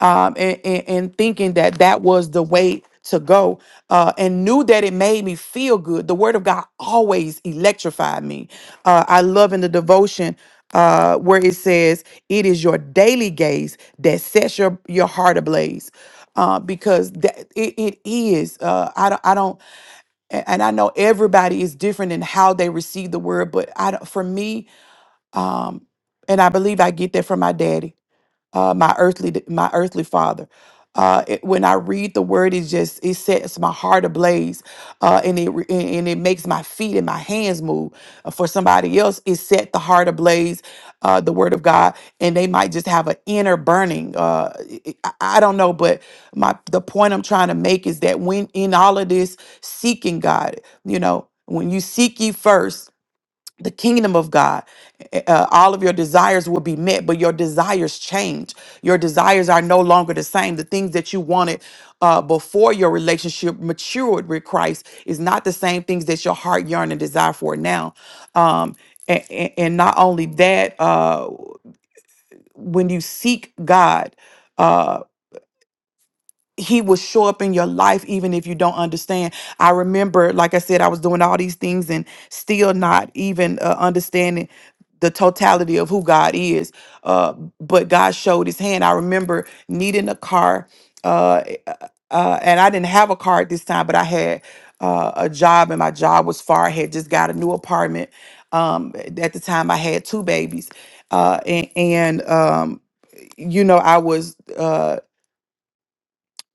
S3: um, and, and, and thinking that that was the way to go uh, and knew that it made me feel good. The word of God always electrified me. Uh, I love in the devotion uh, where it says, It is your daily gaze that sets your, your heart ablaze. Uh, because that it, it is uh, I don't I don't a- and I know everybody is different in how they receive the word but I don't, for me um, and I believe I get that from my daddy, uh, my earthly my earthly father. Uh, it- when I read the word, it just it sets my heart ablaze, uh, and it re- and and it makes my feet and my hands move. Uh, For somebody else, it set the heart ablaze, uh, the word of God, and they might just have an inner burning. Uh, it- it- I I don't know, but my the point I'm trying to make is that when in all of this seeking God, you know, when you seek ye first the kingdom of God, eh, eh, uh, all of your desires will be met, but your desires change. Your desires are no longer the same. The things that you wanted uh, before your relationship matured with Christ is not the same things that your heart yearn and desire for now. Um, and, and not only that, uh, when you seek God. uh, he will show up in your life even if you don't understand i remember like i said i was doing all these things and still not even uh, understanding the totality of who god is uh, but god showed his hand i remember needing a car uh, uh, uh, and i didn't have a car at this time but i had uh, a job and my job was far i had just got a new apartment um, at the time i had two babies uh, and, and um, you know i was Uh,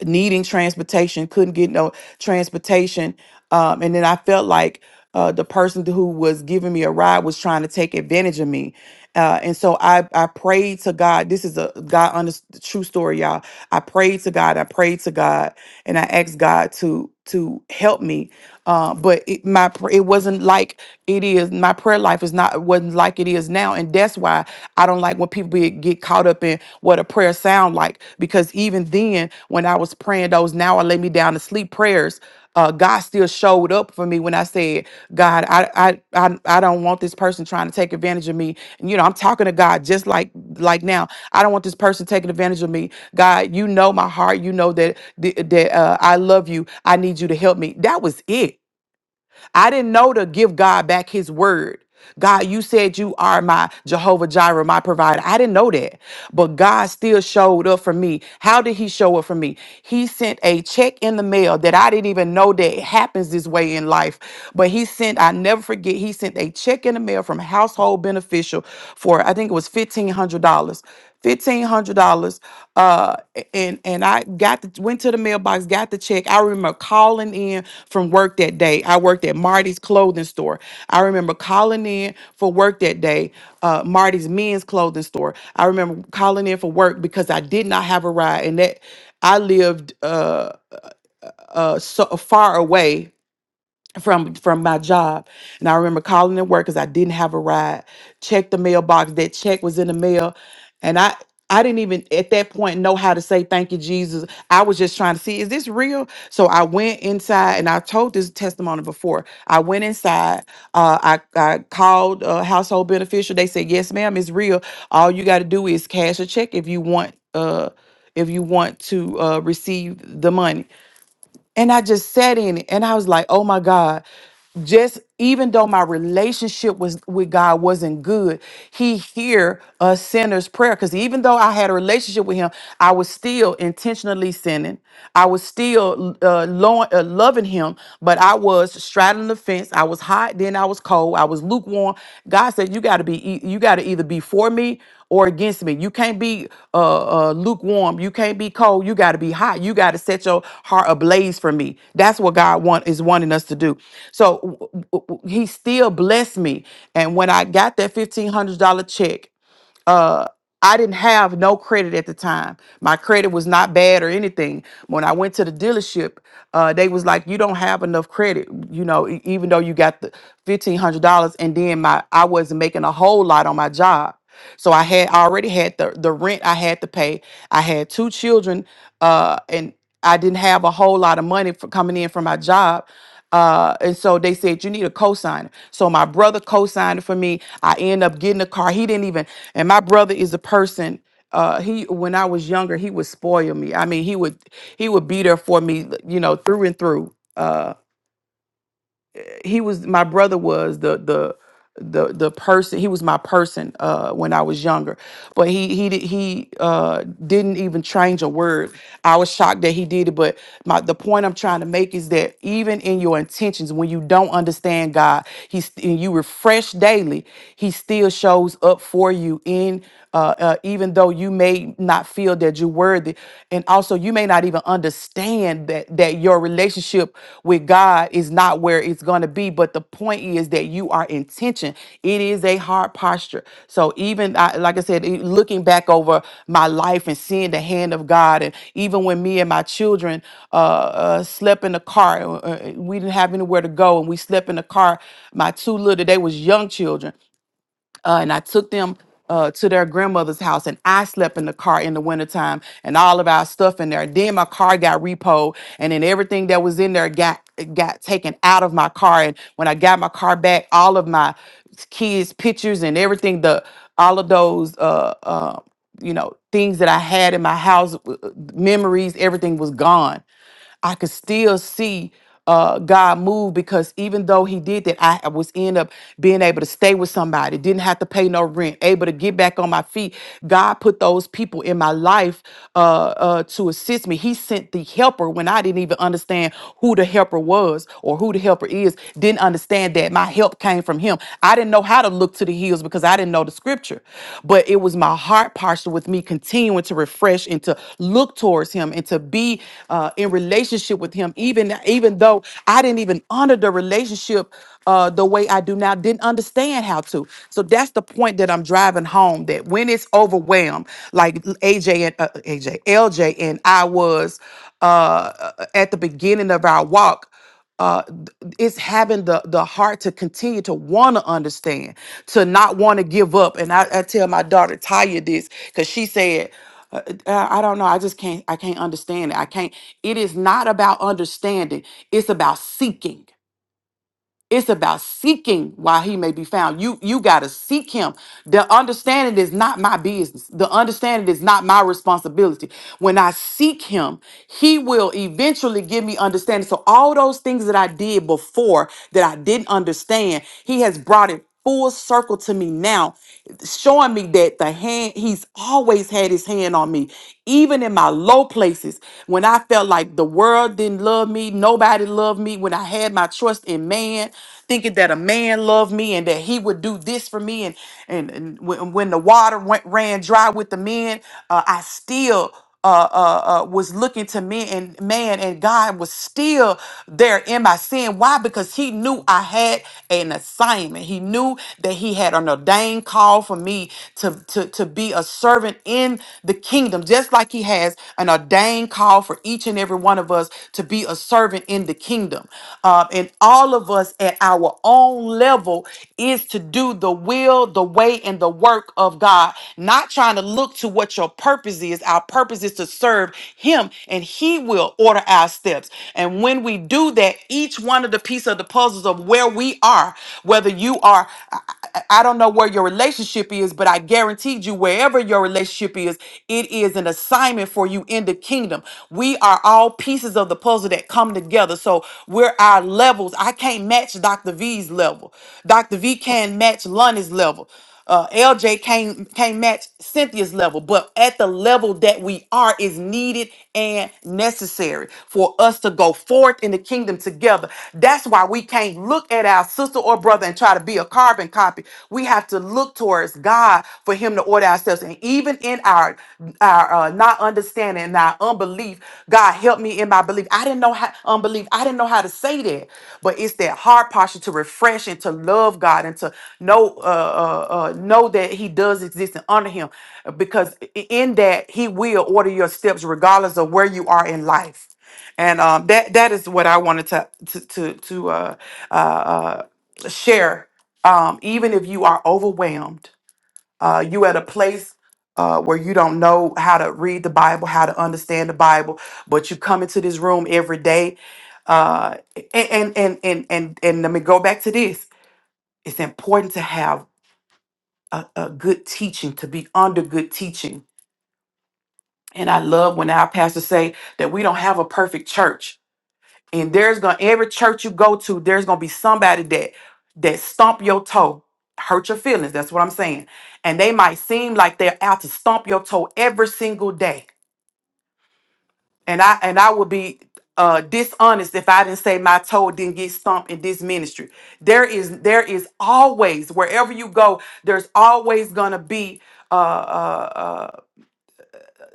S3: needing transportation, couldn't get no transportation. Um, and then I felt like uh, the person who was giving me a ride was trying to take advantage of me. Uh, and so I, I prayed to God. This is a God on the true story, y'all. I prayed to God. I prayed to God, and I asked God to to help me. Uh, but it, my pr- it wasn't like it is. My prayer life is not wasn't like it is now, and that's why why I don't like when people be, get caught up in what a prayer sound like. Because even then, when I was praying those now I lay me down to sleep prayers, uh, God still showed up for me when I said, God, I, I I I don't want this person trying to take advantage of me. And, you know, I'm talking to God just like like now. I don't want this person taking advantage of me. God, you know my heart. You know that that uh, I love you. I need you to help me. That was it I didn't know to give God back his word. God, you said you are my Jehovah Jireh, my provider. I didn't know that, but God still showed up for me. How did He show up for me? He sent a check in the mail that I didn't even know that it happens this way in life. But He sent, I never forget, He sent a check in the mail from Household Beneficial for I think it was fifteen hundred dollars fifteen hundred dollars. Uh, and and I got the, went to the mailbox, got the check. I remember calling in from work that day. I worked at Marty's clothing store. I remember calling in for work that day. Uh, Marty's men's clothing store. I remember calling in for work because I did not have a ride, and that I lived uh uh so far away from from my job and i remember calling at work because i didn't have a ride checked the mailbox that check was in the mail and i i didn't even at that point know how to say thank you jesus i was just trying to see is this real so i went inside and i told this testimony before i went inside uh, I, I called a household beneficial they said yes ma'am it's real all you got to do is cash a check if you want uh if you want to uh, receive the money and I just sat in it and I was like, oh my God. Just even though my relationship was with God wasn't good, He hear a sinner's prayer. Because even though I had a relationship with Him, I was still intentionally sinning. I was still uh, lo- uh, loving Him, but I was straddling the fence. I was hot, then I was cold. I was lukewarm. God said, "You got to be, e- you got to either be for me or against me. You can't be uh, uh, lukewarm. You can't be cold. You got to be hot. You got to set your heart ablaze for me. That's what God want is wanting us to do. So w- w- w- He still blessed me. And when I got that fifteen hundred dollar check uh I didn't have no credit at the time. My credit was not bad or anything. When I went to the dealership, uh, they was like, "You don't have enough credit, you know, e- even though you got the fifteen hundred dollars." And then my I wasn't making a whole lot on my job, so I had I already had the the rent I had to pay. I had two children, uh, and I didn't have a whole lot of money for coming in from my job. Uh, and so they said you need a co-signer. So my brother co-signed for me. I end up getting a car. He didn't even. And my brother is the person. Uh, he when I was younger, he would spoil me. I mean, he would he would be there for me, you know, through and through. Uh, he was my brother was the the the the person he was my person uh when I was younger but he he did he uh didn't even change a word I was shocked that he did it but my the point I'm trying to make is that even in your intentions when you don't understand God he's and you refresh daily he still shows up for you in uh, uh, even though you may not feel that you're worthy, and also you may not even understand that that your relationship with God is not where it's going to be. But the point is that you are intention. It is a hard posture. So even I, like I said, e- looking back over my life and seeing the hand of God, and even when me and my children uh, uh, slept in the car, uh, uh, we didn't have anywhere to go, and we slept in the car. My two little, they was young children uh, and I took them uh, to their grandmother's house, and I slept in the car in the wintertime and all of our stuff in there. Then my car got repoed, and then everything that was in there got got taken out of my car. And when I got my car back, all of my kids' pictures and everything, the all of those uh, uh, you know things that I had in my house, w- w- memories, everything was gone. I could still see uh, God move because even though He did that, I I was end up being able to stay with somebody, didn't have to pay no rent, able to get back on my feet. God put those people in my life uh, uh, to assist me. He sent the helper when I didn't even understand who the helper was or who the helper is. Didn't understand that my help came from Him. I didn't know how to look to the hills because I didn't know the scripture. But it was my heart posture with me continuing to refresh and to look towards him and to be uh, in relationship with him, even even though I didn't even honor the relationship uh, the way I do now, didn't understand how to. So that's the point that I'm driving home that when it's overwhelmed, like AJ and uh, AJ, LJ and I was uh, at the beginning of our walk uh, th- it's having the the heart to continue to want to understand, to not want to give up. And I, I tell my daughter Taya this because she said, uh, uh, "I don't know. I just can't. I can't understand it. I can't. It is not about understanding. It's about seeking." It's about seeking while he may be found. You you gotta seek him. The understanding is not my business. The understanding is not my responsibility. When I seek him, he will eventually give me understanding. So all those things that I did before that I didn't understand, he has brought it full circle to me now, showing me that the hand, he's always had his hand on me, even in my low places when I felt like the world didn't love me, nobody loved me, when I had my trust in man, thinking that a man loved me and that he would do this for me. And, and, and when, when the water went, ran dry with the men, uh, I still uh, uh, uh, was looking to me and man, and God was still there in my sin. Why? Because He knew I had an assignment. He knew that He had an ordained call for me to, to, to be a servant in the kingdom, just like He has an ordained call for each and every one of us to be a servant in the kingdom. Uh, and all of us at our own level is to do do the will, the way, and the work of God, not trying to look to what your purpose is. Our purpose is to serve Him, and He will order our steps. And when we do that, each one of the piece of the puzzles of where we are, whether you are, I, I I don't know where your relationship is, but I guaranteed you, wherever your relationship is, it is an assignment for you in the kingdom. We are all pieces of the puzzle that come come together. So we're our levels. I can't match Dr. V's level. Dr. V can't match Lonnie's level. Uh, LJ can't can't match Cynthia's level, but at the level that we are is needed and necessary for us to go forth in the kingdom together. That's why we can't look at our sister or brother and try to be a carbon copy. We have to look towards God for Him to order ourselves, and even even in our our uh, not understanding and our unbelief, God help me in my belief. I didn't know how unbelief. I didn't know how to say that, but it's that heart posture to refresh and to love God and to know uh, uh, uh, know that He does exist and honor Him, because i- in that He will order your steps regardless of where you are in life. And um, that that is what I wanted to to to, to uh, uh, uh, share. Um, even if you are overwhelmed uh, you at a place uh, where you don't know how to read the Bible, how to understand the Bible, but you come into this room every day. Uh, and, and and and and and let me go back to this. It's important to have a, a good teaching, to be under good teaching. And I love when our pastors say that we don't have a perfect church and there's gonna every church you go to there's gonna be somebody that that stomp your toe hurt your feelings that's what i'm saying and they might seem like they're out to stomp your toe every single day and i and i would be uh dishonest if i didn't say my toe didn't get stomped in this ministry there is there is always wherever you go there's always gonna be Uh, uh, uh,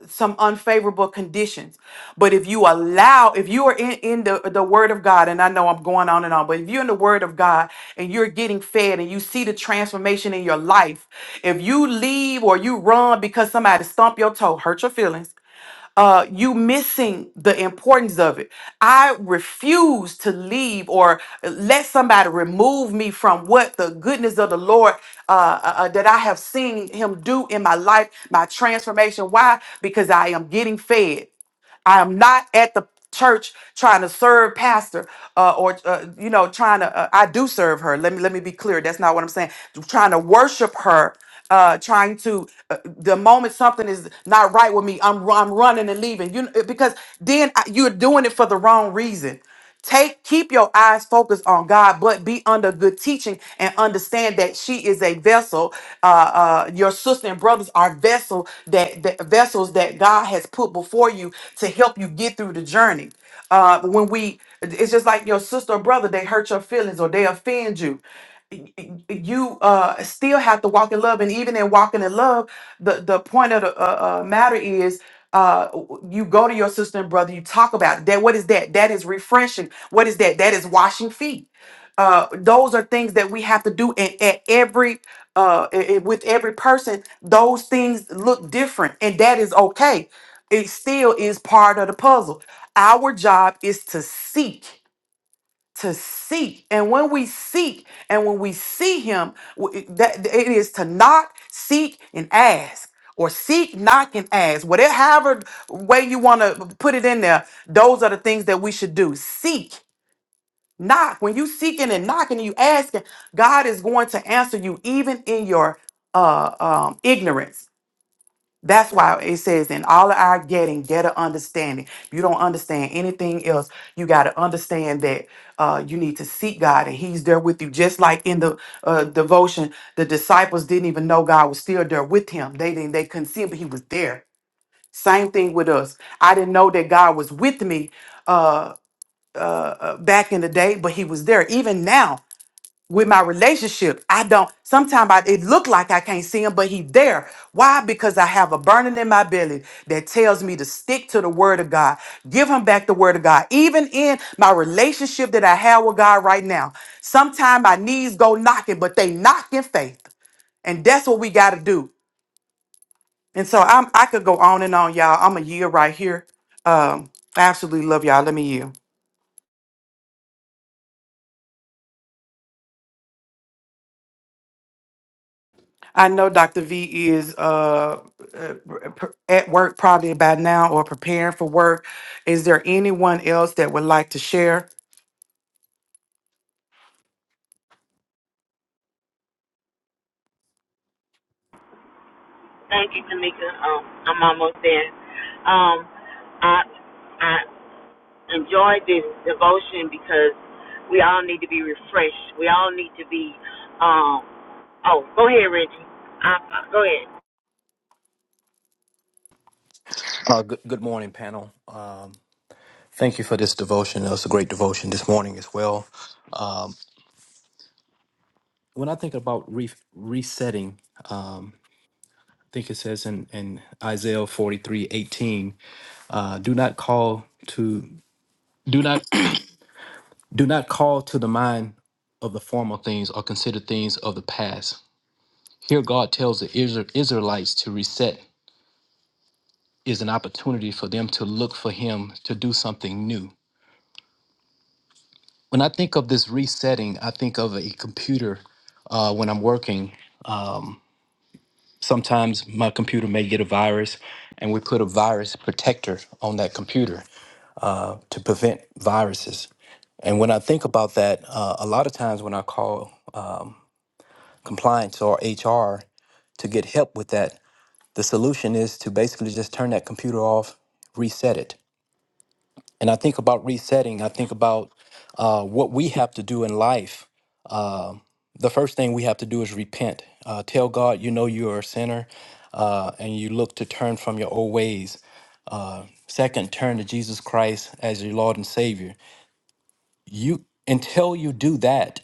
S3: some unfavorable conditions. But if you allow, if you are in, in the, the word of God, and I know I'm going on and on, but if you're in the word of God and you're getting fed and you see the transformation in your life, if you leave or you run because somebody stomp your toe, hurt your feelings, uh, you missing the importance of it. I refuse to leave or let somebody remove me from what the goodness of the Lord uh, uh, uh, that I have seen Him do in my life, my transformation. Why? Because I am getting fed. I am not at the church trying to serve pastor uh, or uh, you know trying to uh, I do serve her. Let me let me be clear. That's not what I'm saying. Trying to worship her uh trying to uh, the moment something is not right with me I'm I'm running and leaving. You because then I, you're doing it for the wrong reason. Take keep your eyes focused on God, but be under good teaching and understand that she is a vessel. Uh, uh, your sister and brothers are vessel that, that vessels that God has put before you to help you get through the journey. Uh, when we, it's just like your sister or brother, they hurt your feelings or they offend you y- y- you uh still have to walk in love and even in walking in love the the point of the uh, uh, matter is uh you go to your sister and brother you talk about it. that what is that that is refreshing what is that that is washing feet uh those are things that we have to do and at every uh i- i- with every person those things look different and that is okay it still is part of the puzzle our job is to seek to seek. And when we seek and when we see him, w- that it is to knock, seek, and ask. Or seek, knock, and ask. Whatever however way you want to put it in there, those are the things that we should do. Seek, knock. When you seeking and knocking and you asking, God is going to answer you even in your uh um ignorance. That's why it says in all of our getting, get an understanding. You don't understand anything else. You got to understand that uh, you need to seek God, and He's there with you. Just like in the uh, devotion, the disciples didn't even know God was still there with him. They didn't. They couldn't see him, but He was there. Same thing with us. I didn't know that God was with me uh, uh, uh, back in the day, but He was there. Even now, with my relationship i don't sometimes I, it look like i can't see him but he there why because i have a burning in my belly that tells me to stick to the word of god give him back the word of god even in my relationship that i have with god right now sometimes my knees go knocking but they knock in faith and that's what we got to do and so i'm i could go on and on y'all i'm a year right here um i absolutely love y'all let me yield I know Dr. V is uh, uh, p- at work probably by now or preparing for work. Is there anyone else that would like to share?
S1: Thank you, Tamika. Um, I'm almost there. Um, I I enjoyed this devotion because we all need to be refreshed. We all need to be. Um, oh, go ahead, Reggie. I, I, go ahead.
S8: Uh, good, good morning, panel. Um, thank you for this devotion. It was a great devotion this morning as well. When I think about re- resetting, um, I think it says in, in Isaiah forty three eighteen, uh, do not call to do not do not call to the mind of the former things or consider things of the past. Here, God tells the Isra- Israelites to reset is an opportunity for them to look for Him to do something new when I think of this resetting, I think of a computer uh, when I'm working. Sometimes my computer may get a virus, and we put a virus protector on that computer to prevent viruses. And when I think about that, uh, a lot of times when I call compliance or HR to get help with that, the solution is to basically just turn that computer off, reset it. and I think about resetting. I think about uh, what we have to do in life. Uh, the first thing we have to do is repent. Uh, tell God you know you are a sinner, uh, and you look to turn from your old ways. Uh, second, turn to Jesus Christ as your Lord and Savior. You until you do that,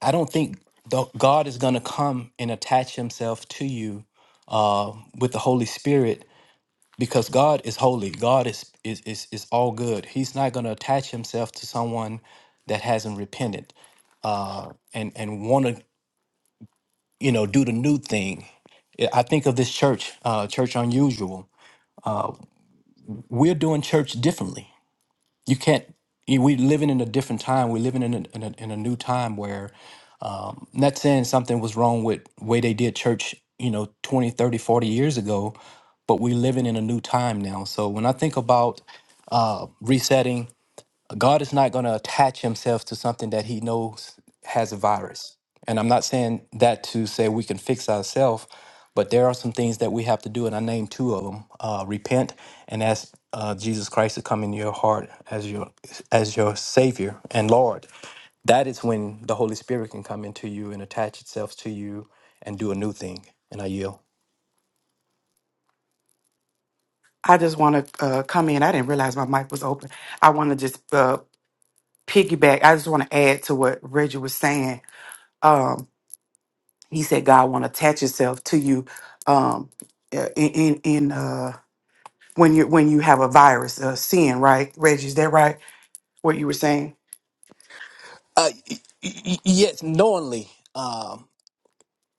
S8: I don't think the, God is going to come and attach Himself to you uh, with the Holy Spirit because God is holy. God is is is, is all good. He's not going to attach himself to someone that hasn't repented uh, and and want to you know do the new thing. I I think of this church, uh, church unusual. We're doing church differently. You can't. you- We're living in a different time. We're living in a, in a in a new time where not saying something was wrong with way they did church, you know, 20, 30, forty years ago, but we're living in a new time now. So when I think about uh, resetting God is not going to attach himself to something that he knows has a virus. And I'm not saying that to say we can fix ourselves, but there are some things that we have to do, and I named two of them: uh, repent and ask uh, Jesus Christ to come into your heart as your as your Savior and Lord. That is when the Holy Spirit can come into you and attach itself to you and do a new thing. And I yield.
S3: I just want to uh, come in. I didn't realize my mic was open. I want to just uh, piggyback. I just want to add to what Reggie was saying. Um, he said God want to attach Himself to you um, uh, in in, in uh, when you when you have a virus, uh, sin. Right, Reggie? Is that right? What you were saying?
S8: Uh, y- y- y- yes, knowingly. Um,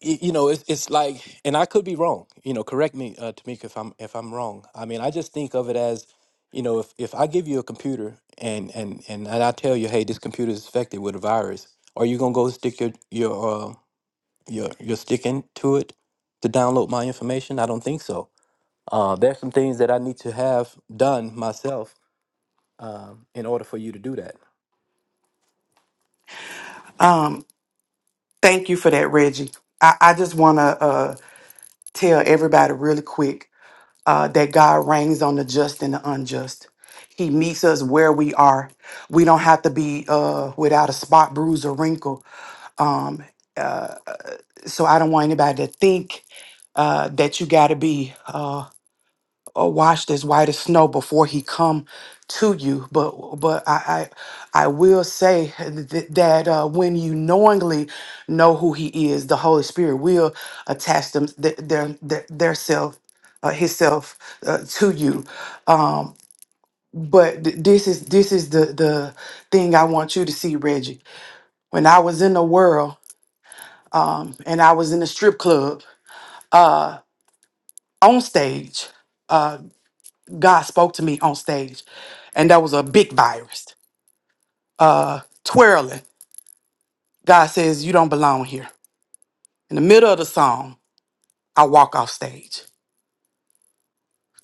S8: y- you know, it's it's like, and I could be wrong. You know, correct me, uh, Tamika, if I'm if I'm wrong. I mean, I just think of it as, you know, if if I give you a computer and and and, and I tell you, hey, this computer is infected with a virus, are you gonna go stick your your uh, your your stick into it to download my information? I don't think so. Uh, there's some things that I need to have done myself um, in order for you to do that.
S3: Um, Thank you for that, Reggie. I, I just want to uh, tell everybody really quick uh, that God reigns on the just and the unjust. He meets us where we are. We don't have to be uh, without a spot, bruise, or wrinkle. Um, uh, so I don't want anybody to think uh, that you got to be. Uh, or washed as white as snow before he come to you but but i i, I will say th- that uh, when you knowingly know who he is the holy spirit will attach them th- their their, their self uh, his self uh, to you um but th- this is this is the the thing i want you to see reggie when i was in the world um and i was in a strip club uh on stage uh, God spoke to me on stage, and that was a big virus. Uh, twirling. God says, You don't belong here. In the middle of the song, I walk off stage.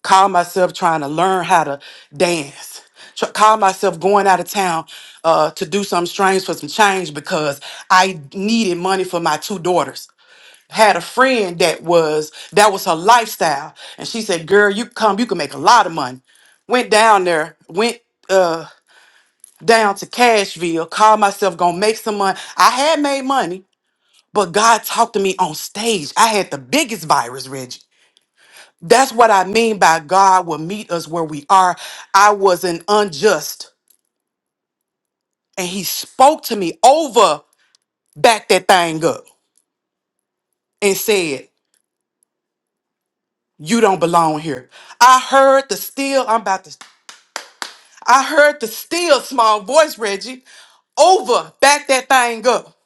S3: Call myself trying to learn how to dance. Tr- call myself going out of town uh, to do something strange for some change because I needed money for my two daughters. Had a friend that was that was her lifestyle, and she said, "Girl, you come, you can make a lot of money." Went down there, went. uh, down to Cashville, called myself gonna make some money. I had made money, but God talked to me on stage. I had the biggest virus, Reggie. That's what I mean by God will meet us where we are. I was an unjust, and He spoke to me over, back that thing up, and said, "You don't belong here." I heard the still. I'm about to. I heard the still small voice, Reggie, over, back that thing up.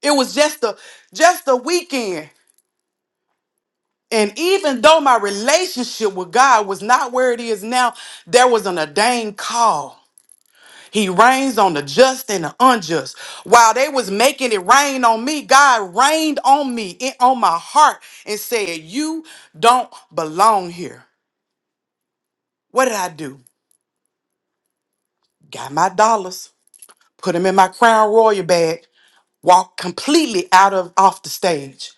S3: It was just a just a weekend. And even though my relationship with God was not where it is now, there was an ordained call. He reigns on the just and the unjust. While they was making it rain on me, God rained on me, in, on my heart, and said, "You don't belong here." What did I do? Got my dollars, put them in my Crown Royal bag, walked completely out of off the stage.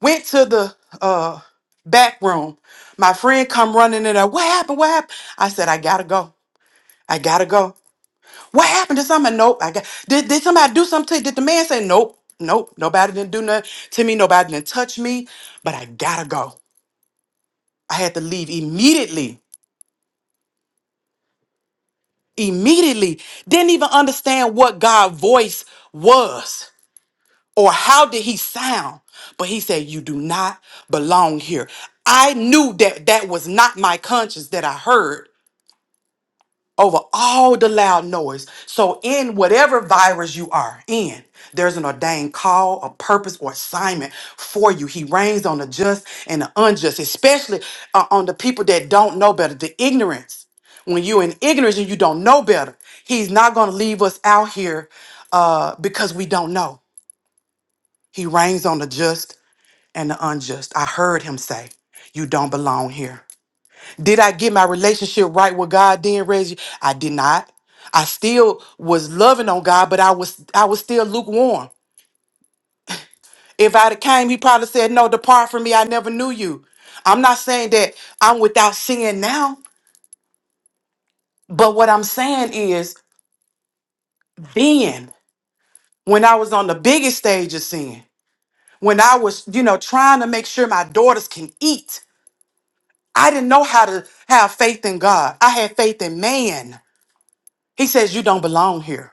S3: Went to the uh, back room. My friend come running in there. What happened? What happened? I said, I gotta go. I gotta go. What happened to somebody? Nope. I got did, did somebody do something to you? Did the man say nope? Nope. Nobody didn't do nothing to me. Nobody didn't touch me. But I gotta go. I had to leave immediately. Immediately. Didn't even understand what God's voice was. or how did he sound? But he said, You do not belong here. I knew that that was not my conscience that I heard over all the loud noise. So, in whatever virus you are in, there's an ordained call, a purpose, or assignment for you. He reigns on the just and the unjust, especially uh, on the people that don't know better, the ignorance. When you're in ignorance and you don't know better, he's not going to leave us out here uh, because we don't know. He reigns on the just and the unjust. I heard him say, You don't belong here. Did I get my relationship right with God then, Reggie? I did not. I still was loving on God, but I was I was still lukewarm. If I'd have came, he probably said, No, depart from me, I never knew you. I'm not saying that I'm without sin now, but what I'm saying is then, when I was on the biggest stage of sin, when I was, you know, trying to make sure my daughters can eat. I didn't know how to have faith in God. I had faith in man. He says, You don't belong here.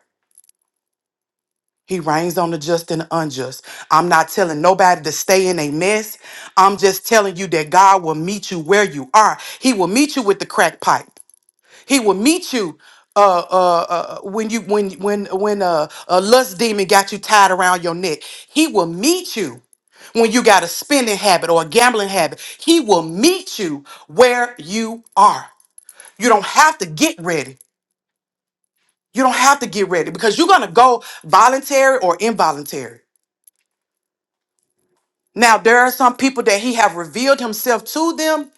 S3: He reigns on the just and the unjust. I'm not telling nobody to stay in a mess. I'm just telling you that God will meet you where you are. He will meet you with the crack pipe. He will meet you uh, uh, uh, when you when when when uh, a lust demon got you tied around your neck. He will meet you when you got a spending habit or a gambling habit. He will meet you where you are. You don't have to get ready. You don't have to get ready because you're going to go voluntary or involuntary. Now, there are some people that he have revealed himself to them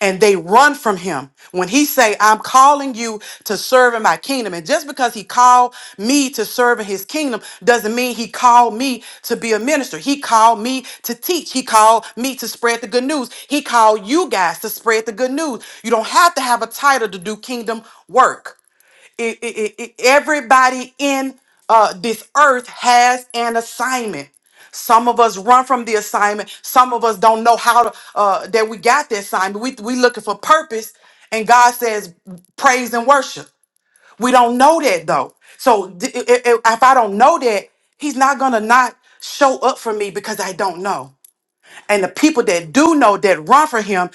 S3: and they run from him when he say i'm calling you to serve in my kingdom and just because he called me to serve in his kingdom doesn't mean he called me to be a minister he called me to teach he called me to spread the good news he called you guys to spread the good news you don't have to have a title to do kingdom work It- it- it- it- everybody in uh, this earth has an assignment. Some of us run from the assignment. Some of us don't know how to uh, that we got the assignment. We we looking for purpose, and God says praise and worship. We don't know that though. So d- i- i- if I don't know that, He's not gonna not show up for me because I don't know. And the people that do know that run for him,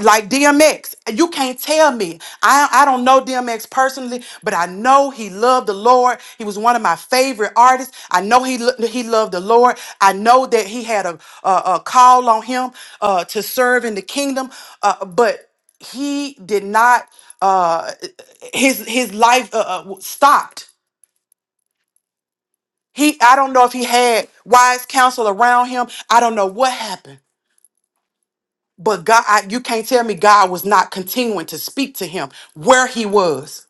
S3: like DMX, you can't tell me. I, I don't know DMX personally, but I know he loved the Lord. He was one of my favorite artists. I know he lo- he loved the Lord. I know that he had a, a, a call on him uh, to serve in the kingdom, uh, but he did not. Uh, his his life uh, uh, stopped. He I don't know if he had wise counsel around him. I don't know what happened But God, I, you can't tell me God was not continuing to speak to him where he was.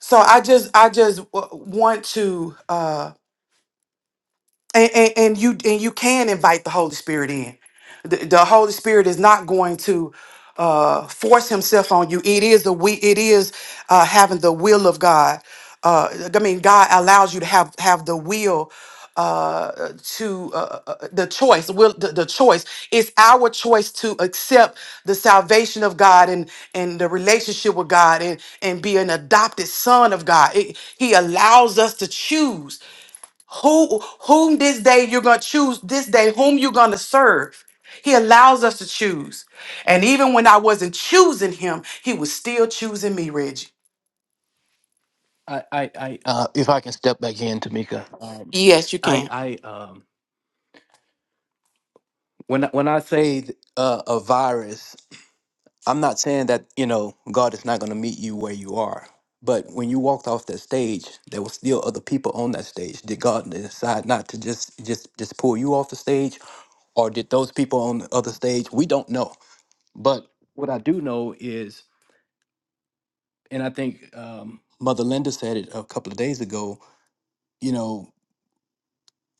S3: So I just, I just w- want to. Uh, and, and, and you and you can invite the Holy Spirit in. The, the Holy Spirit is not going to uh, force Himself on you. It is the we. It is uh, having the will of God. Uh, I mean, God allows you to have have the will uh to uh, uh, the choice will the, the choice it's our choice to accept the salvation of god and and the relationship with god and and be an adopted son of god It- he allows us to choose who whom this day you're going to choose this day whom you're going to serve he allows us to choose and even when i wasn't choosing him he was still choosing me reggie
S8: I, I, I uh, if I can step back in, Tamika. Um,
S3: yes you can
S8: I, I, um, When I- when I say uh, a virus, I'm not saying that you know God is not going to meet you where you are. But when you walked off that stage, there were still other people on that stage. Did God decide not to just just just pull you off the stage, or did those people on the other stage? We don't know. But what I do know is, and I think um, Mother Linda said it a couple of days ago. You know,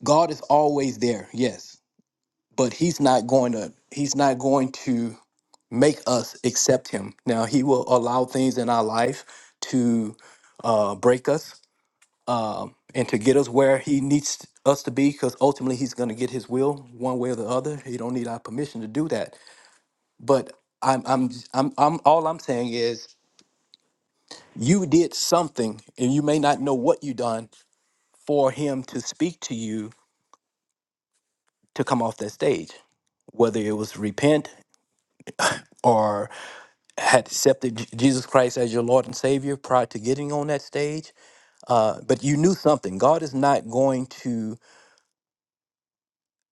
S8: God is always there. Yes, but he's not going to he's not going to make us accept him now he will allow things in our life to uh, break us um, and to get us where he needs us to be because ultimately he's going to get his will one way or the other he don't need our permission to do that but i'm i'm i'm, I'm all i'm saying is you did something and you may not know what you done for him to speak to you to come off that stage whether it was repent had accepted J- Jesus Christ as your Lord and Savior prior to getting on that stage, uh, but you knew something. God is not going to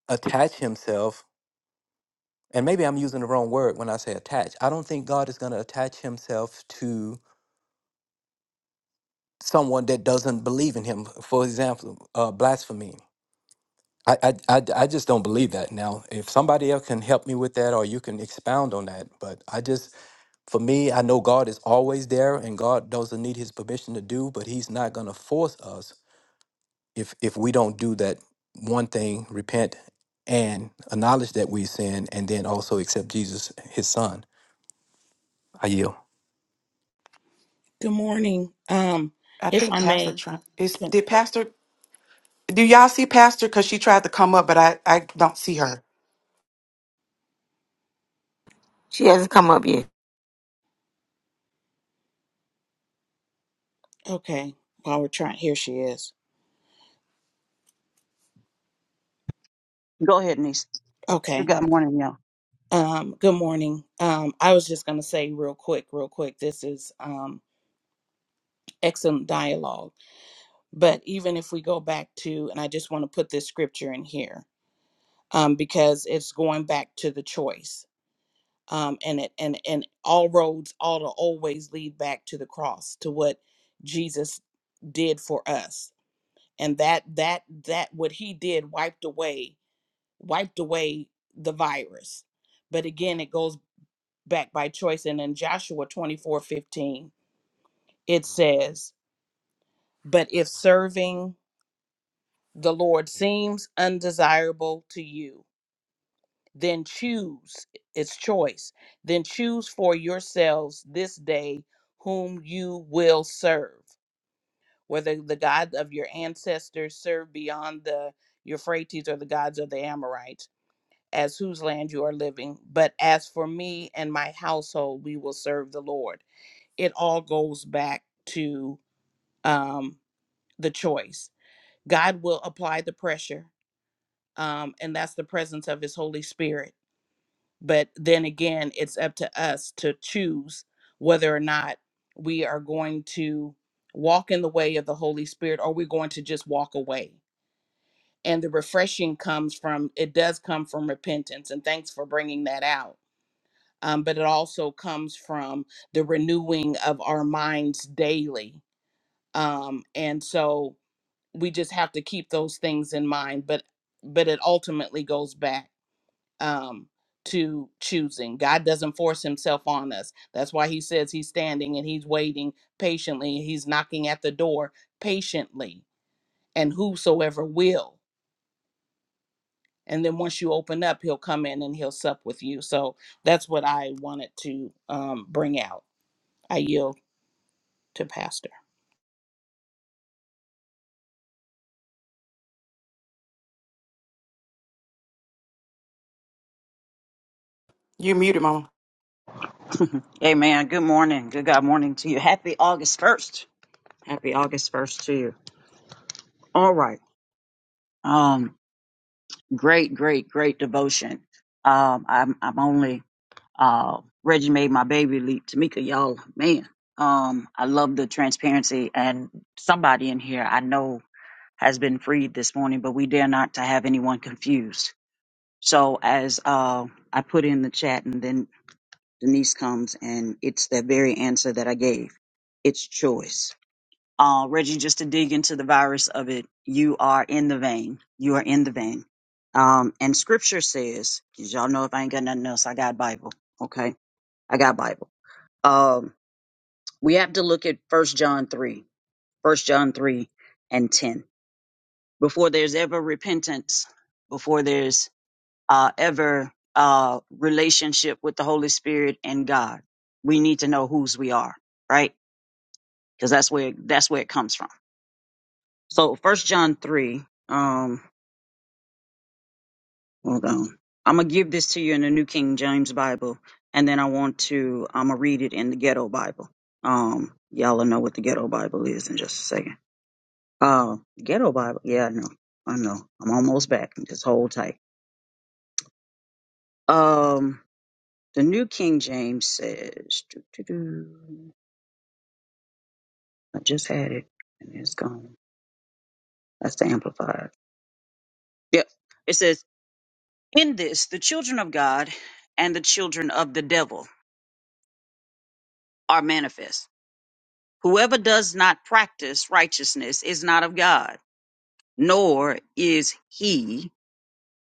S8: attach himself, and maybe I'm using the wrong word when I say attach. I don't think God is going to attach himself to someone that doesn't believe in him. For example, uh, blasphemy. I, I, I, I just don't believe that. Now, if somebody else can help me with that or you can expound on that, but I just, for me, I know God is always there and God doesn't need his permission to do, but he's not going to force us if if we don't do that one thing, repent and acknowledge that we sin, and then also accept Jesus, His Son. I yield.
S9: Good morning. Um,
S3: i
S9: if
S3: think
S9: I
S3: pastor
S9: may,
S3: trump is
S9: can,
S3: did pastor do y'all see pastor because she tried to come up but i i don't see her
S1: She hasn't come up yet.
S9: okay, while we're trying, here she is.
S10: Go ahead, niece. Good
S9: Okay.
S10: God morning, y'all.
S9: Um, good morning. Um, I was just going to say real quick, real quick, this is um, excellent dialogue. But even if we go back to, and I just want to put this scripture in here um, because it's going back to the choice. Um, and it and and all roads, all the always lead back to the cross, to what Jesus did for us, and that that that what he did wiped away wiped away the virus. But again, it goes back by choice. And in Joshua 24 15, it says, But if serving the Lord seems undesirable to you, then choose, it's choice, then choose for yourselves this day whom you will serve, whether the God of your ancestors served beyond the Euphrates or the gods of the Amorites as whose land you are living. But as for me and my household, we will serve the Lord. It all goes back to um, the choice. God will apply the pressure, um, and that's the presence of His Holy Spirit. But then again, it's up to us to choose whether or not we are going to walk in the way of the Holy Spirit or we're going to just walk away. And the refreshing comes from, it does come from repentance. And thanks for bringing that out um, but it also comes from the renewing of our minds daily. Um, and so we just have to keep those things in mind. But but it ultimately goes back um, to choosing. God doesn't force Himself on us. That's why He says He's standing and He's waiting patiently. He's knocking at the door patiently, and whosoever will. And then once you open up, He'll come in and He'll sup with you. So that's what I wanted to um, bring out. I yield. to Pastor.
S3: you muted mama
S10: Amen. Good morning. Good God morning to you. Happy August 1st. Happy August 1st to you. All right. Um, great, great, great devotion. Um, I'm, I'm only, uh, Reggie made my baby leap. Tamika, y'all, man. Um, I love the transparency and somebody in here I know has been freed this morning, but we dare not to have anyone confused. So as, uh, I put in the chat and then Denise comes and it's that very answer that I gave. It's choice. Uh, Reggie, just to dig into the virus of it, you are in the vein. You are in the vein. Um, and scripture says, 'cause y'all know if I ain't got nothing else, I got Bible. Okay. I got Bible. Um, we have to look at first John three, first John three and 10 before there's ever repentance, before there's uh, ever uh, relationship with the Holy Spirit and God. We need to know whose we are, right? Because that's where that's where it comes from. So First John three. Um, hold on. I'm gonna give this to you in the New King James Bible, and then I want to. I'm gonna read it in the Ghetto Bible. Um, y'all will know what the Ghetto Bible is in just a second. Uh, Ghetto Bible. Yeah, I know. I know. I'm almost back. Just hold tight. Um, the New King James says. doo, doo, doo. I just had it and it's gone. That's the amplifier. Yep. It says, In this, the children of God and the children of the devil are manifest. Whoever does not practice righteousness is not of God, nor is he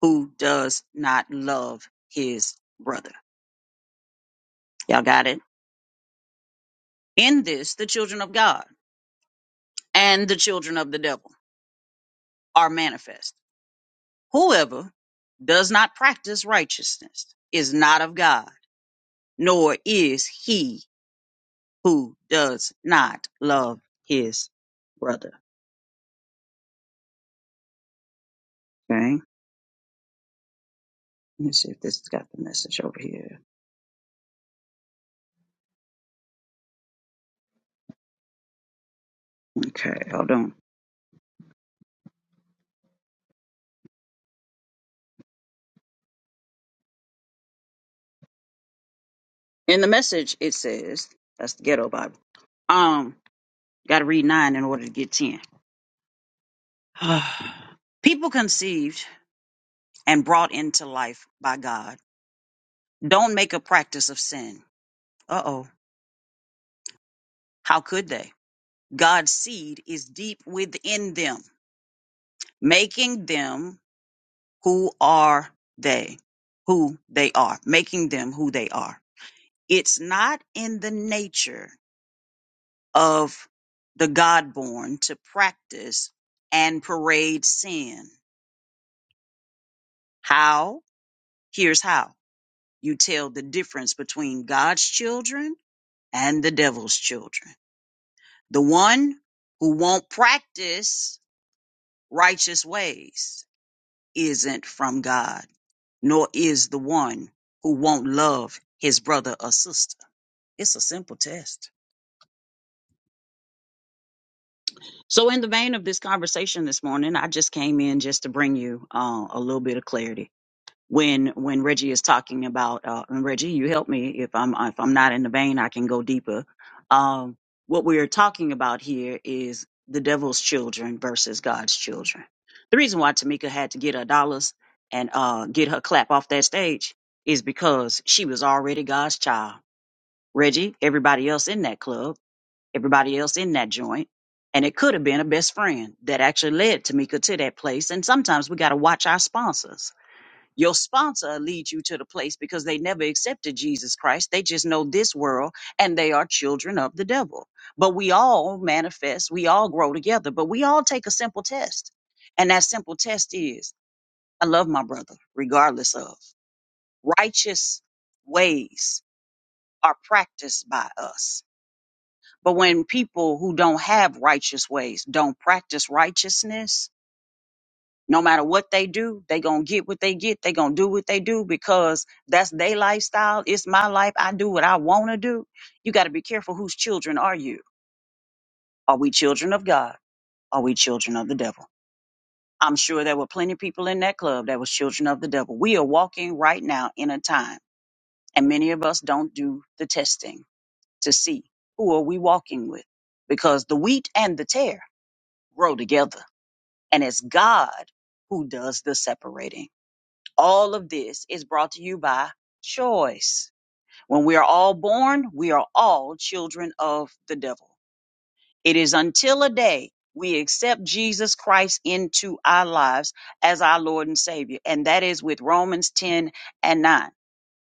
S10: who does not love his brother. Y'all got it? In this, the children of God and the children of the devil are manifest. Whoever does not practice righteousness is not of God nor is he who does not love his brother. Okay. Let me see if this has got the message over here. Okay, hold on. In the message, it says, that's the ghetto Bible. Um, got to read nine in order to get 10. People conceived and brought into life by God don't make a practice of sin. Uh oh. How could they? God's seed is deep within them, making them who are they who they are making them who they are it's not in the nature of the god-born to practice and parade sin how here's how you tell the difference between god's children and the devil's children the one who won't practice righteous ways isn't from god nor is the one who won't love his brother or sister It's a simple test. So, in the vein of this conversation this morning, I just came in just to bring you uh, a little bit of clarity. When when Reggie is talking about, uh, and Reggie, you help me if I'm if I'm not in the vein, I can go deeper. Um, what we are talking about here is the devil's children versus God's children. The reason why Tamika had to get her dollars and uh, get her clap off that stage is because she was already God's child. Reggie, everybody else in that club everybody else in that joint. And it could have been a best friend that actually led Tamika to that place. And sometimes we got to watch our sponsors. Your sponsor leads you to the place because they never accepted Jesus Christ. They just know this world and they are children of the devil. But we all manifest, we all grow together, but we all take a simple test. And that simple test is I love my brother, regardless of righteous ways are practiced by us but when people who don't have righteous ways don't practice righteousness, no matter what they do, they gonna get what they get. They gonna do what they do because that's their lifestyle. It's my life. I do what I wanna do. You gotta be careful whose children are you. Are we children of God? Are we children of the devil? I'm sure there were plenty of people in that club that was children of the devil. We are walking right now in a time, and many of us don't do the testing to see who are we walking with because the wheat and the tare grow together and it's God who does the separating. All of this is brought to you by choice. When we are all born, we are all children of the devil. It is until a day we accept Jesus Christ into our lives as our Lord and Savior, and that is with Romans 10 and 9.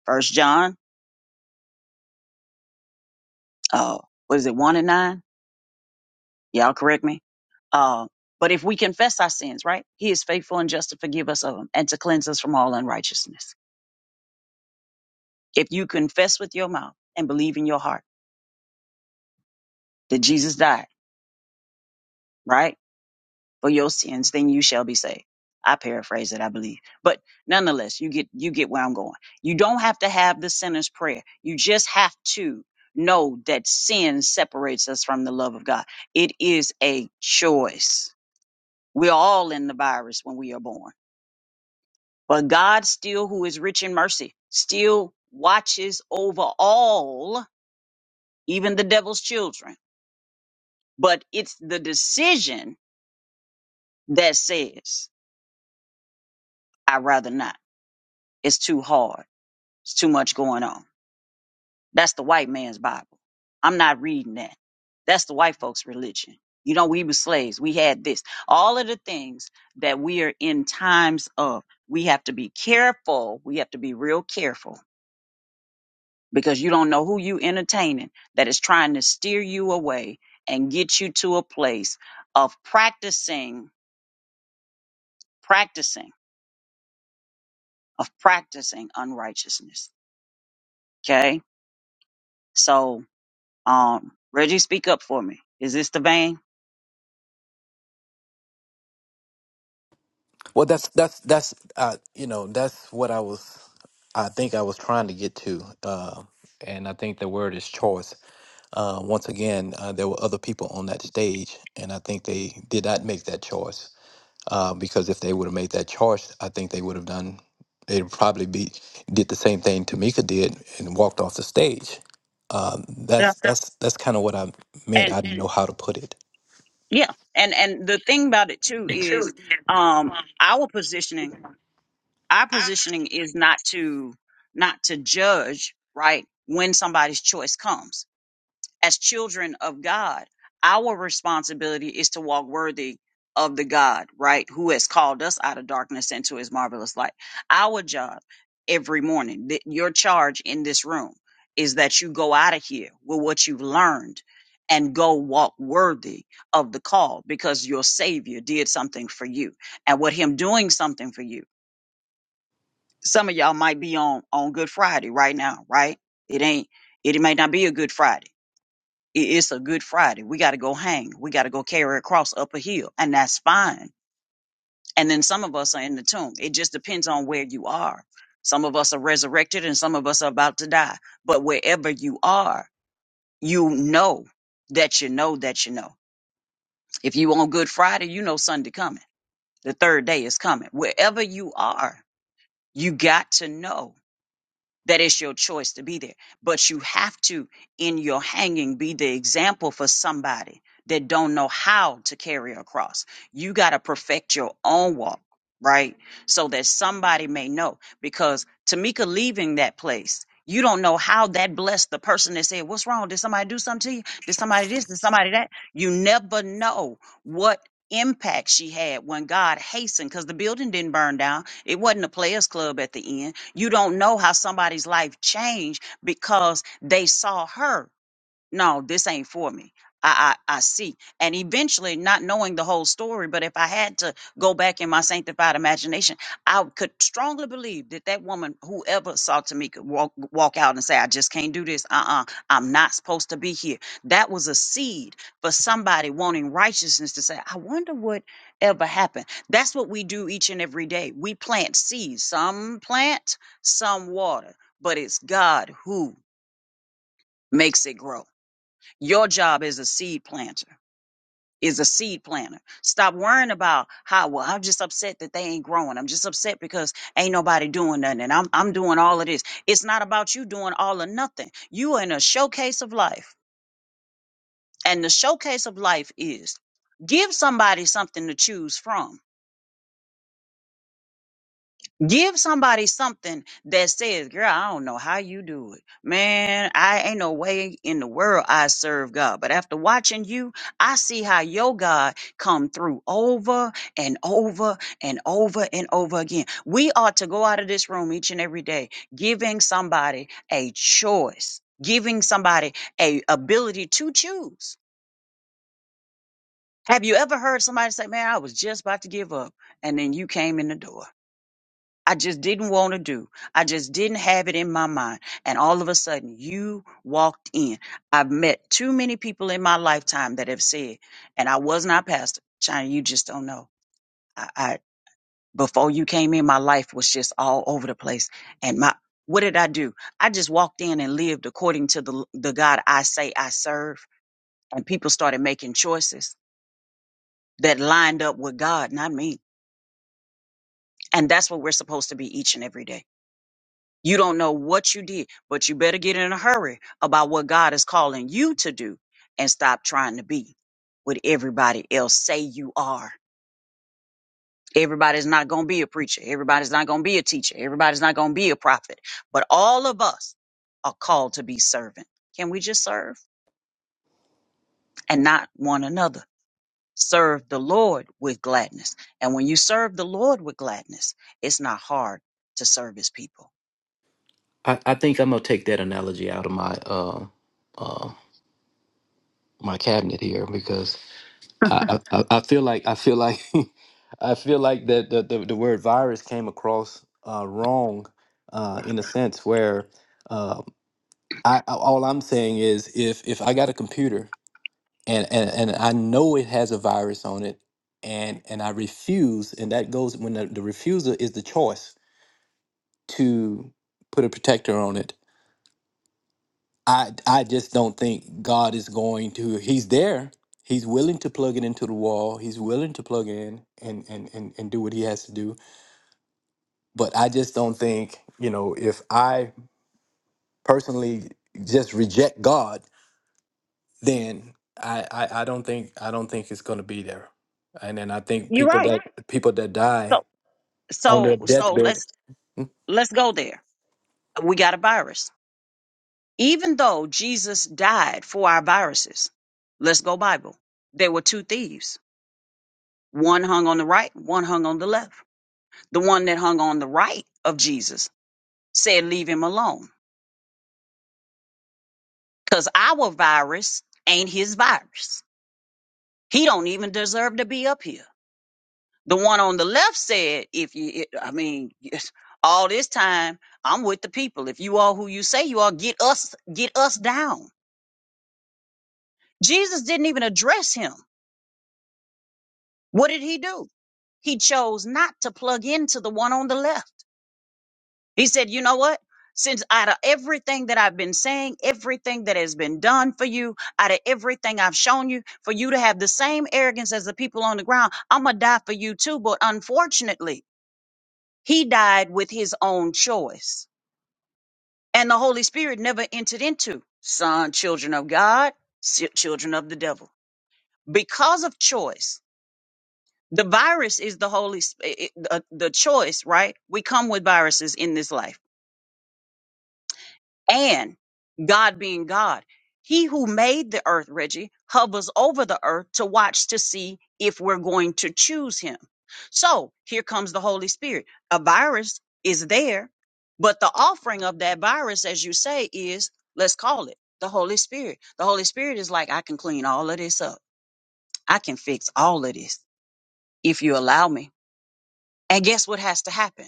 S10: First John, uh, what is it, 1 and 9? Y'all correct me. Uh, but if we confess our sins, right, He is faithful and just to forgive us of them and to cleanse us from all unrighteousness. If you confess with your mouth and believe in your heart that Jesus died, right, for your sins, then you shall be saved. I paraphrase it, I believe. But nonetheless, you get you get where I'm going. You don't have to have the sinner's prayer. You just have to know that sin separates us from the love of God. It is a choice. We're all in the virus when we are born. But God still who is rich in mercy still watches over all, even the devil's children but it's the decision that says i rather not it's too hard it's too much going on that's the white man's bible i'm not reading that that's the white folks religion you know we were slaves we had this all of the things that we are in times of we have to be careful we have to be real careful because you don't know who you entertaining that is trying to steer you away and get you to a place of practicing practicing of practicing unrighteousness. Okay. So, um, Reggie, speak up for me. Is this the vein?
S8: Well, that's that's that's uh, you know that's what I was I think I was trying to get to, uh, and I think the word is choice. Uh, once again, uh, there were other people on that stage, and I think they did not make that choice. uh, because if they would have made that choice, I think they would have done. They'd probably be did the same thing Tamika did and walked off the stage. Um,
S10: Yeah.
S8: that's that's that's kind of what I meant.
S10: And
S8: I didn't know how to put it.
S10: yeah. And, and the thing about it too
S8: The
S10: is,
S8: truth.
S10: um,
S8: Um,
S10: our positioning, our
S8: I,
S10: positioning is not to, not to judge, right? When somebody's choice comes as children of God, our responsibility is to walk worthy of the God, right? Who has called us out of darkness into his marvelous light. Our job every morning, th- your charge in this room is that you go out of here with what you've learned and go walk worthy of the call because your savior did something for you. And with him doing something for you, some of y'all might be on on Good Friday right now, right? It ain't it may not be a Good Friday it's a good Friday. We got to go hang. We got to go carry a cross up a hill, and that's fine. And then some of us are in the tomb. It just depends on where you are. Some of us are resurrected, and some of us are about to die. But wherever you are, you know that you know that you know. If you on Good Friday, you know Sunday coming. The third day is coming. Wherever you are, you got to know that it's your choice to be there. But you have to, in your hanging, be the example for somebody that don't know how to carry a cross. You got to perfect your own walk, right? So that somebody may know. Because Tamika leaving that place, you don't know how that blessed the person that said, What's wrong? Did somebody do something to you? Did somebody this? Did somebody that? You never know what impact she had when God hastened because the building didn't burn down. It wasn't a players club at the end you don't know how somebody's life changed because they saw her no, this ain't for me. I, I, I see. And eventually, not knowing the whole story, but if I had to go back in my sanctified imagination, I could strongly believe that that woman, whoever saw Tamika, walk, walk out and say, I just can't do this. Uh uh-uh, uh, i am not supposed to be here. That was a seed for somebody wanting righteousness to say, I wonder what ever happened. That's what we do each and every day. We plant seeds, some plant, some water, but it's God who makes it grow. Your job as a seed planter is a seed planter. Stop worrying about how well I'm just upset that they ain't growing. I'm just upset because ain't nobody doing nothing. And I'm I'm doing all of this. It's not about you doing all or nothing. You are in a showcase of life. And the showcase of life is give somebody something to choose from Give somebody something that says, girl, I don't know how you do it. Man, I ain't no way in the world I serve God. But after watching you, I see how your God come through over and over and over and over again. We ought to go out of this room each and every day, giving somebody a choice, giving somebody a ability to choose. Have you ever heard somebody say, man, I was just about to give up. And then you came in the door. I just didn't want to do. I just didn't have it in my mind. And all of a sudden, you walked in. I've met too many people in my lifetime that have said, and I was not pastor. China, you just don't know. I, I before you came in, my life was just all over the place. And my what did I do? I just walked in and lived according to the the God I say I serve. And people started making choices that lined up with God, not me. And that's what we're supposed to be each and every day. You don't know what you did, but you better get in a hurry about what God is calling you to do and stop trying to be what everybody else say you are. Everybody's not going to be a preacher. Everybody's not going to be a teacher. Everybody's not going to be a prophet. But all of us are called to be servant. Can we just serve and not one another? Serve the Lord with gladness. And when you serve the Lord with gladness, it's not hard to serve his people.
S8: I I think I'm gonna take that analogy out of my uh, uh, my cabinet here because I, I, I I feel like I feel like I feel like that the, the, the word virus came across uh, wrong uh, in a sense where uh, I I- all I'm saying is if if I got a computer and and, and I know it has a virus on it and and I refuse and that goes when the, the refusal is the choice to put a protector on it. I I just don't think God is going to he's there. He's willing to plug it into the wall. He's willing to plug in and and and, and do what he has to do. But I just don't think, you know, if I personally just reject God then I, I I don't think I don't think it's gonna be there. And then I think
S10: You're
S8: people
S10: right.
S8: that people that die
S10: So
S8: on their
S10: so so
S8: deathbed,
S10: let's let's go there We got a virus. Even though Jesus died for our viruses, let's go Bible. There were two thieves. One hung on the right, one hung on the left. The one that hung on the right of Jesus said, leave him alone. Cause our virus ain't his virus. He don't even deserve to be up here. The one on the left said, if you, I mean, all this time, I'm with the people. If you are who you say you are, get us, get us down. Jesus didn't even address him. What did he do? He chose not to plug into the one on the left. He said, You know what? Since out of everything that I've been saying, everything that has been done for you, out of everything I've shown you, for you to have the same arrogance as the people on the ground, I'm going to die for you too. But unfortunately, he died with his own choice. And the Holy Spirit never entered into son, children of God, si- children of the devil. Because of choice, The virus is the Holy Sp- it, it- uh, the choice, right? We come with viruses in this life. And God being God, he who made the earth, Reggie, hovers over the earth to watch to see if we're going to choose him. So here comes the Holy Spirit. A virus is there, but the offering of that virus, as you say, is let's call it the Holy Spirit. The Holy Spirit is like, I can clean all of this up. I can fix all of this if you allow me. And guess what has to happen?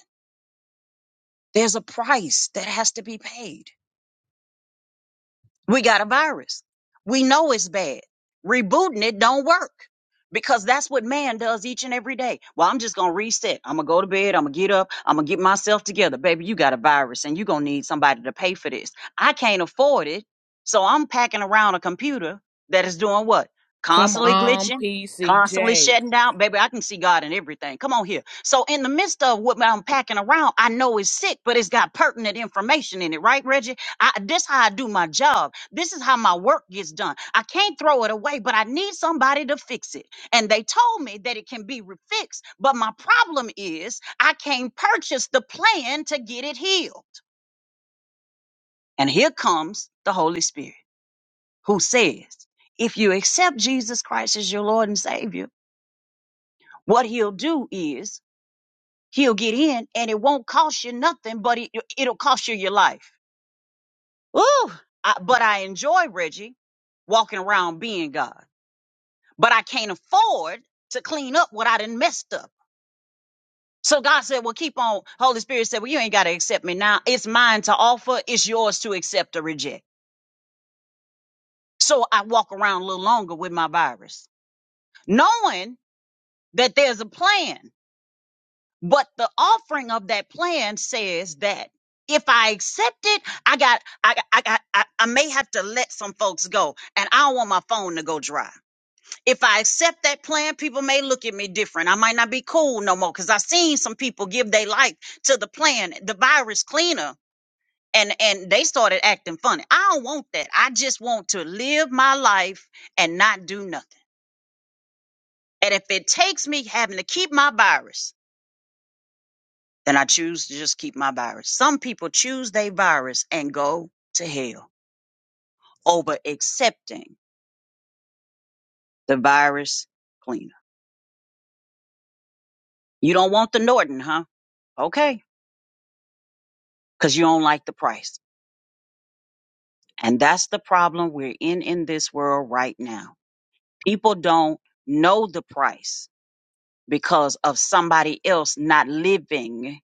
S10: There's a price that has to be paid. We got a virus. We know it's bad. Rebooting it don't work because that's what man does each and every day. Well, I'm just going to reset. I'm going to go to bed. I'm going to get up. I'm going to get myself together. Baby, you got a virus and you're going to need somebody to pay for this. I can't afford it. So I'm packing around a computer that is doing what?
S9: Come
S10: Constantly
S9: on,
S10: glitching, constantly
S9: PCJ.
S10: shutting down. Baby, I can see God in everything. Come on here. So in the midst of what I'm packing around, I know it's sick, but it's got pertinent information in it, right, Reggie? I, this how I do my job. This is how my work gets done. I can't throw it away, but I need somebody to fix it. And they told me that it can be refixed, but my problem is I can't purchase the plan to get it healed. And here comes the Holy Spirit who says, if you accept Jesus Christ as your Lord and Savior, what he'll do is he'll get in and it won't cost you nothing, but it, it'll cost you your life. Ooh, I, but I enjoy Reggie walking around being God. but I can't afford to clean up what I done messed up. So God said, Well, keep on. Holy Spirit said, Well, you ain't got to accept me now. It's mine to offer, it's yours to accept or reject. So I walk around a little longer with my virus, knowing that there's a plan. But the offering of that plan says that if I accept it, I got, I, I, I, I I may have to let some folks go, and I don't want my phone to go dry. if I accept that plan, people may look at me different. I might not be cool no more because I seen some people give their life to the plan, the virus cleaner, and and they started acting funny. I don't want that. I just want to live my life and not do nothing. And if it takes me having to keep my virus, then I choose to just keep my virus. Some people choose their virus and go to hell over accepting the virus cleaner. You don't want the Norton, huh? Okay, because you don't like the price. And that's the problem we're in in this world right now. People don't know the price because of somebody else not living,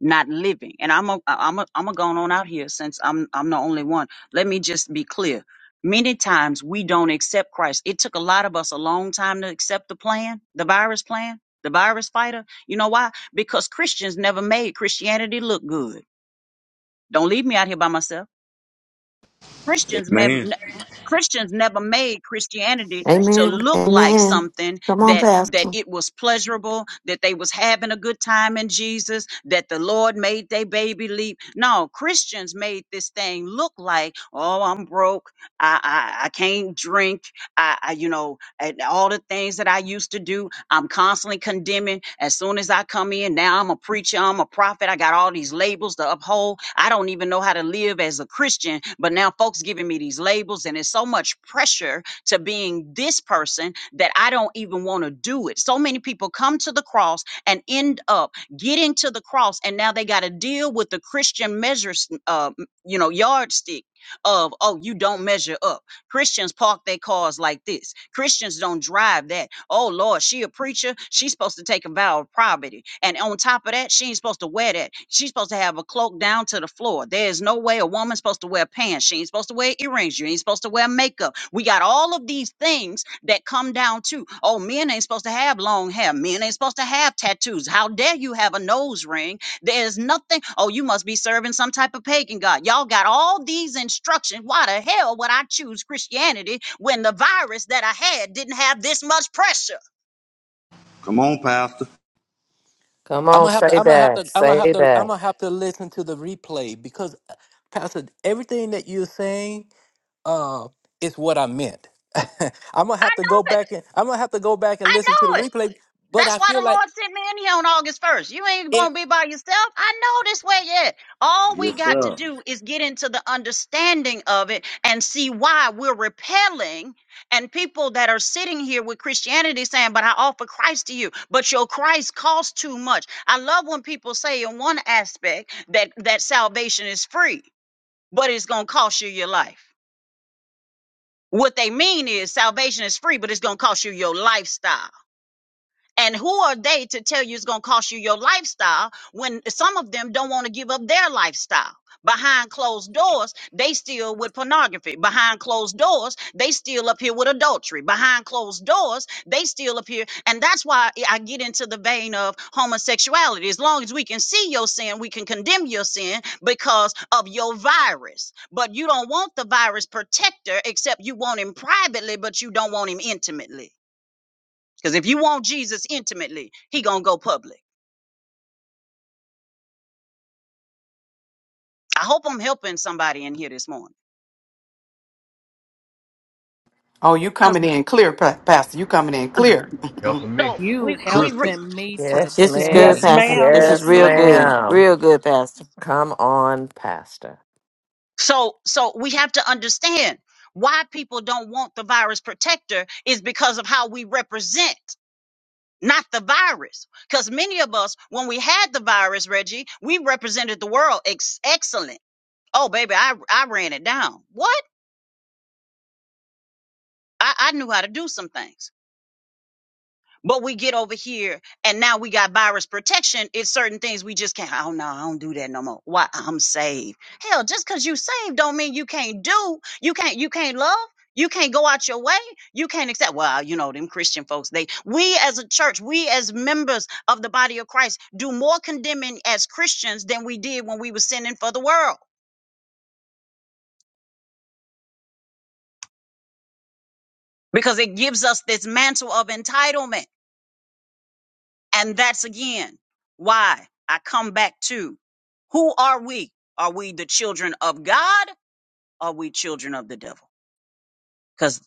S10: not living. And I'm a, I'm a, I'm a going on out here since I'm I'm the only one. Let me just be clear. Many times we don't accept Christ. It took a lot of us a long time to accept the plan, the virus plan, the virus fighter. You know why? Because Christians never made Christianity look good. Don't leave me out here by myself. Christians may,
S4: Man,
S10: Christians never made Christianity to
S1: Amen.
S10: look like
S1: Amen.
S10: something
S1: Come on,
S10: that that
S1: Pastor.
S10: it was pleasurable, that they was having a good time in Jesus, that the Lord made their baby leap. No, Christians made this thing look like, oh, I'm broke, I I, I can't drink, I, I you know, and all the things that I used to do I'm constantly condemning. As soon as I come in, now I'm a preacher, I'm a prophet. I got all these labels to uphold. I don't even know how to live as a Christian, but now folks giving me these labels, and it's so much pressure to being this person that I don't even want to do it. So many people come to the cross and end up getting to the cross, and now they got to deal with the Christian measures, uh, you know, yardstick of oh, you don't measure up. Christians park their cars like this. Christians don't drive that. Oh Lord, she a preacher. She's supposed to take a vow of poverty. And on top of that, she ain't supposed to wear that. She's supposed to have a cloak down to the floor. There's no way a woman's supposed to wear pants. She ain't supposed to wear earrings. You ain't supposed to wear makeup. We got all of these things that come down to, oh, men ain't supposed to have long hair. Men ain't supposed to have tattoos. How dare you have a nose ring? There's nothing. Oh, you must be serving some type of pagan god. Y'all got all these instructions. Why the hell would I choose Christianity when the virus that I had didn't have this much pressure?
S4: come on, Pastor
S7: Come
S8: I'm
S7: on,
S8: gonna have to
S7: say
S8: I'm gonna have to
S7: that.
S8: I'm gonna have
S7: Say
S8: to
S7: that.
S8: I'm gonna have to listen to the replay because, uh, Pastor, everything that you're saying, uh, is what I meant. I'm gonna
S10: I
S8: have to go
S10: know it.
S8: back and I'm gonna have to go back and
S10: I
S8: listen to the
S10: know it.
S8: replay. But
S10: That's
S8: I
S10: why
S8: feel
S10: the
S8: like.
S10: Lord sent me in here on August 1st. You ain't going to be by yourself. I know this way yet. All we
S4: Yes,
S10: got to
S4: sir.
S10: do is get into the understanding of it and see why we're repelling and people that are sitting here with Christianity saying, but I offer Christ to you, but your Christ costs too much. I love when people say in one aspect that, that salvation is free, but it's going to cost you your life. What they mean is salvation is free, but it's going to cost you your lifestyle. And who are they to tell you it's going to cost you your lifestyle when some of them don't want to give up their lifestyle? Behind closed doors, they still with pornography. Behind closed doors, they still up here with adultery. Behind closed doors, they still up here. And that's why I I get into the vein of homosexuality. As long as we can see your sin, we can condemn your sin because of your virus. But you don't want the virus protector, except you want him privately, but you don't want him intimately. Because if you want Jesus intimately, he gonna go public. I hope I'm helping somebody in here this morning.
S3: oh you
S10: Cause
S3: coming in clear Pa- pastor you coming in clear
S10: so
S9: You
S10: we we re-
S4: Crystal,
S9: helping me
S7: Yes,
S1: This is good,
S9: today.
S5: Yes,
S7: ma'am.
S1: Pastor.
S5: ma'am.
S1: This is
S5: Yes,
S7: Yes,
S1: real good.
S5: ma'am.
S7: ma'am.
S1: Real good,
S7: Come on, Pastor.
S10: so so we have to understand why people don't want the virus protector is because of how we represent not the virus because many of us when we had the virus reggie we represented the world ex- excellent oh baby i i ran it down what I, I knew how to do some things But we get over here and now we got virus protection. It's certain things we just can't. Oh no, I don't do that no more. Why? I'm saved. Hell, just because you saved don't mean you can't do. You can't. You can't love. You can't go out your way. You can't accept. Well, you know them Christian folks. They we as a church, we as members of the body of Christ, do more condemning as Christians than we did when we were sinning for the world because it gives us this mantle of entitlement. And that's again why I come back to who are we? Are we the children of God? Are we children of the devil? Because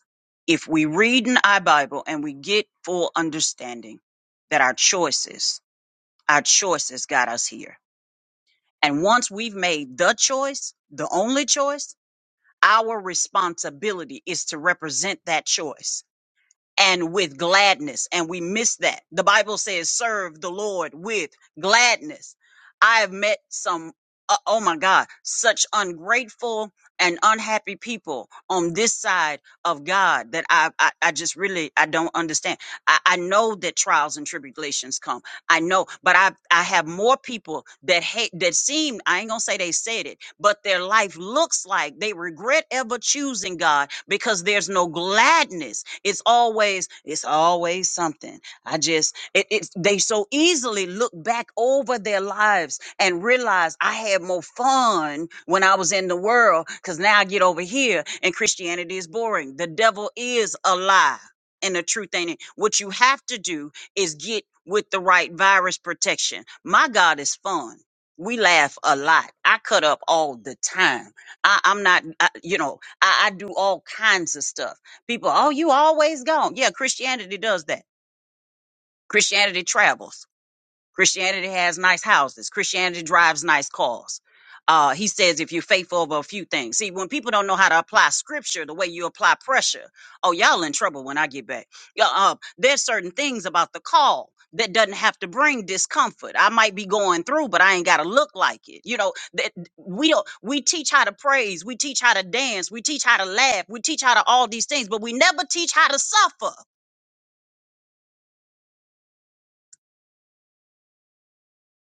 S10: if we read in our Bible and we get full understanding that our choices, our choices got us here. And once we've made the choice, the only choice, our responsibility is to represent that choice and with gladness. And we miss that. The Bible says, serve the Lord with gladness. I have met some, uh, oh my God, such ungrateful and unhappy people on this side of God that I, I, I just really, I don't understand. I, I know that trials and tribulations come. I know, but I, I have more people that hate, that seem, I ain't gonna say they said it, but their life looks like they regret ever choosing God because there's no gladness. It's always, it's always something. I just, it, it's they so easily look back over their lives and realize I had more fun when I was in the world because now I get over here and Christianity is boring. The devil is a lie and the truth ain't it. What you have to do is get with the right virus protection. My God is fun. We laugh a lot. I cut up all the time. I, I'm not, I, you know, I, I do all kinds of stuff. People, oh, you always gone. Yeah, Christianity does that. Christianity travels. Christianity has nice houses. Christianity drives nice cars. Uh, he says, if you're faithful over a few things. See, when people don't know how to apply scripture the way you apply pressure, oh, y'all in trouble when I get back. Yeah, Uh, there's certain things about the call that doesn't have to bring discomfort. I might be going through, but I ain't got to look like it. You know, that we don't, we teach how to praise. We teach how to dance. We teach how to laugh. We teach how to all these things, but we never teach how to suffer.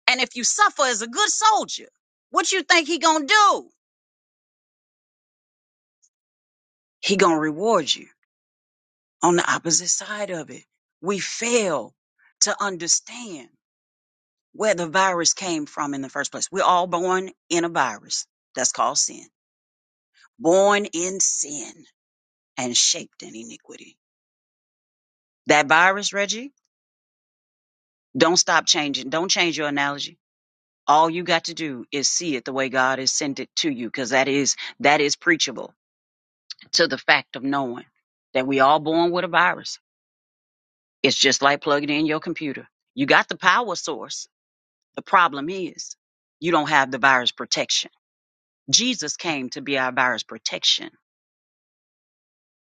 S10: And if you suffer as a good soldier, what you think he gonna do? He gonna reward you on the opposite side of it. We fail to understand where the virus came from in the first place. We're all born in a virus. That's called sin. Born in sin and shaped in iniquity. That virus, Reggie, don't stop changing. Don't change your analogy. All you got to do is see it the way God has sent it to you, because that is that is preachable to the fact of knowing that we all born with a virus. It's just like plugging in your computer. You got the power source The problem is you don't have the virus protection. Jesus came to be our virus protection.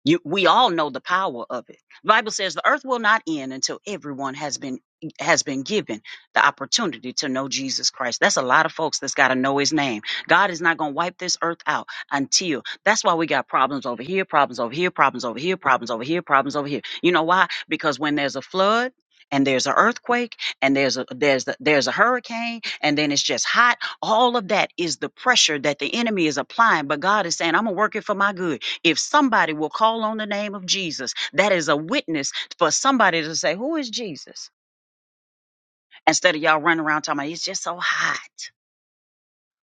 S10: You, we all know the power of it. The Bible says the earth will not end until everyone has been has been given the opportunity to know Jesus Christ. That's a lot of folks that's got to know his name. God is not going to wipe this earth out until. That's why we got problems over here, problems over here, problems over here, problems over here, problems over here. You know why? Because when there's a flood, and there's an earthquake and there's a there's the, there's a hurricane and then it's just hot all of that is the pressure that the enemy is applying but god is saying i'm gonna work it for my good if somebody will call on the name of Jesus, that is a witness for somebody to say, Who is Jesus? Instead of y'all running around talking about it's just so hot.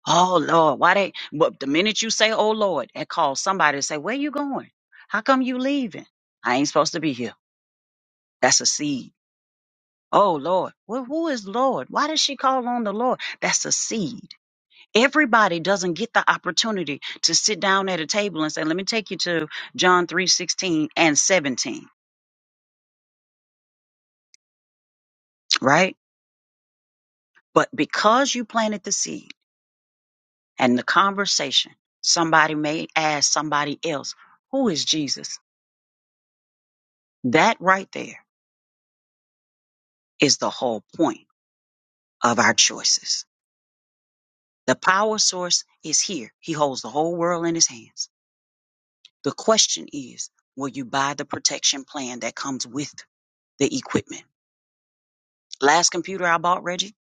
S10: Oh Lord, why they but the minute you say, Oh Lord, that calls somebody to say, Where you going? How come you leaving? I ain't supposed to be here. That's a seed. Oh Lord. Well, who is Lord? Why does she call on the Lord? That's a seed. Everybody doesn't get the opportunity to sit down at a table and say, Let me take you to John 3 16 and 17, right? But because you planted the seed and the conversation, somebody may ask somebody else, who is Jesus? That right there is the whole point of our choices. The power source is here. He holds the whole world in his hands. The question is, will you buy the protection plan that comes with the equipment? Last computer I bought, Reggie,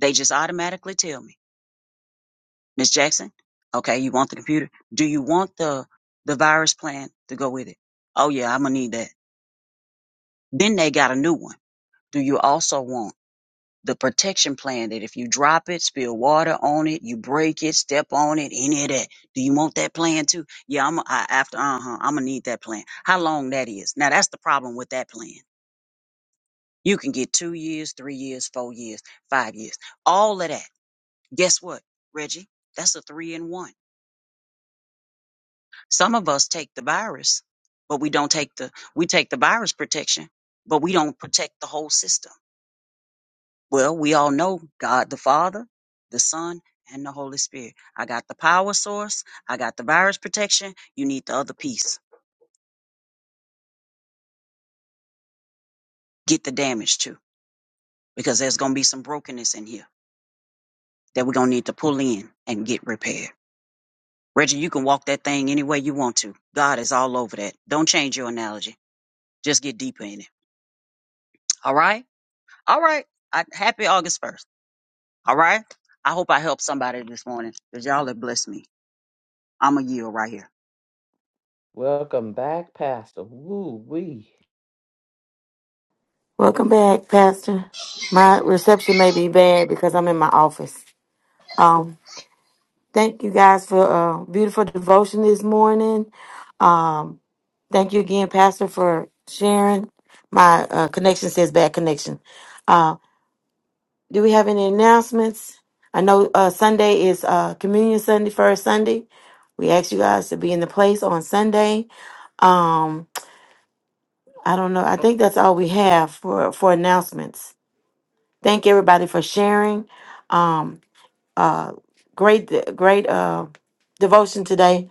S10: they just automatically tell me, Miss Jackson, okay, you want the computer? Do you want the the virus plan to go with it? Oh yeah, I'm gonna need that. Then they got a new one. Do you also want the protection plan that if you drop it, spill water on it, you break it, step on it, any of that? Do you want that plan too? Yeah, I'm I, after uh huh. I'm gonna need that plan. How long that is? Now that's the problem with that plan. You can get two years, three years, four years, five years, all of that. Guess what, Reggie? That's a three in one. Some of us take the virus, but we don't take the we take the virus protection, but we don't protect the whole system Well, we all know God the Father, the Son, and the Holy Spirit. I got the power source. I got the virus protection. You need the other piece. Get the damage too, because there's going to be some brokenness in here that we're going to need to pull in and get repaired. Reggie, you can walk that thing any way you want to. God is all over that. Don't change your analogy. Just get deeper in it. All right? All right. I, happy August 1st. All right? I hope I helped somebody this morning because y'all have blessed me. I'm a yield right here.
S7: Welcome back, Pastor. Woo wee.
S1: Welcome back, Pastor. My reception may be bad because I'm in my office. Um, thank you guys for a beautiful devotion this morning. Um, thank you again, Pastor, for sharing. My uh, connection says bad connection. Uh, do we have any announcements? I know uh, Sunday is uh, Communion Sunday, first Sunday. We ask you guys to be in the place on Sunday. Um, I don't know. I think that's all we have for for announcements. Thank everybody for sharing. Um, uh, great, great uh, devotion today.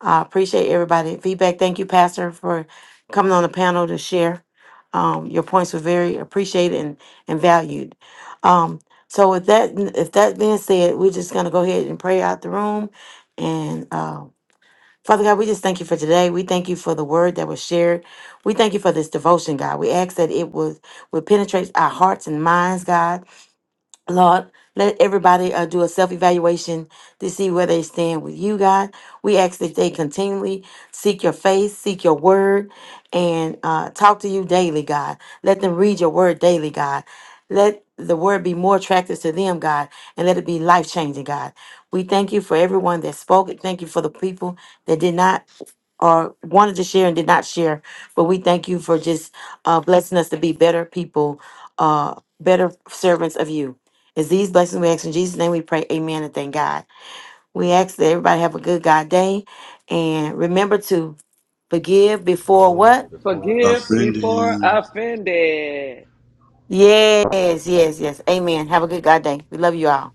S1: I appreciate everybody feedback. Thank you, Pastor, for coming on the panel to share. Um, your points were very appreciated and, and valued. Um, so with that, if that being said, we're just gonna go ahead and pray out the room. And uh, Father God, we just thank you for today. We thank you for the word that was shared. We thank you for this devotion, God. We ask that it would would penetrate our hearts and minds, God Lord, let everybody uh, do a self evaluation to see where they stand with you, God. We ask that they continually seek your face, seek your word, and uh, talk to you daily, God. Let them read your word daily, God. Let the word be more attractive to them, God, and let it be life changing, God. We thank you for everyone that spoke. and Thank you for the people that did not or wanted to share and did not share. But we thank you for just uh, blessing us to be better people, uh, better servants of you. It's these blessings we ask in Jesus' name. We pray, Amen, and thank God. We ask that everybody have a good God day, and remember to forgive before what?
S2: Forgive before
S5: Forgive
S2: offended.
S5: before
S4: offending.
S5: offended.
S1: Yes, yes, yes. Amen. Have a good God day. We love you all.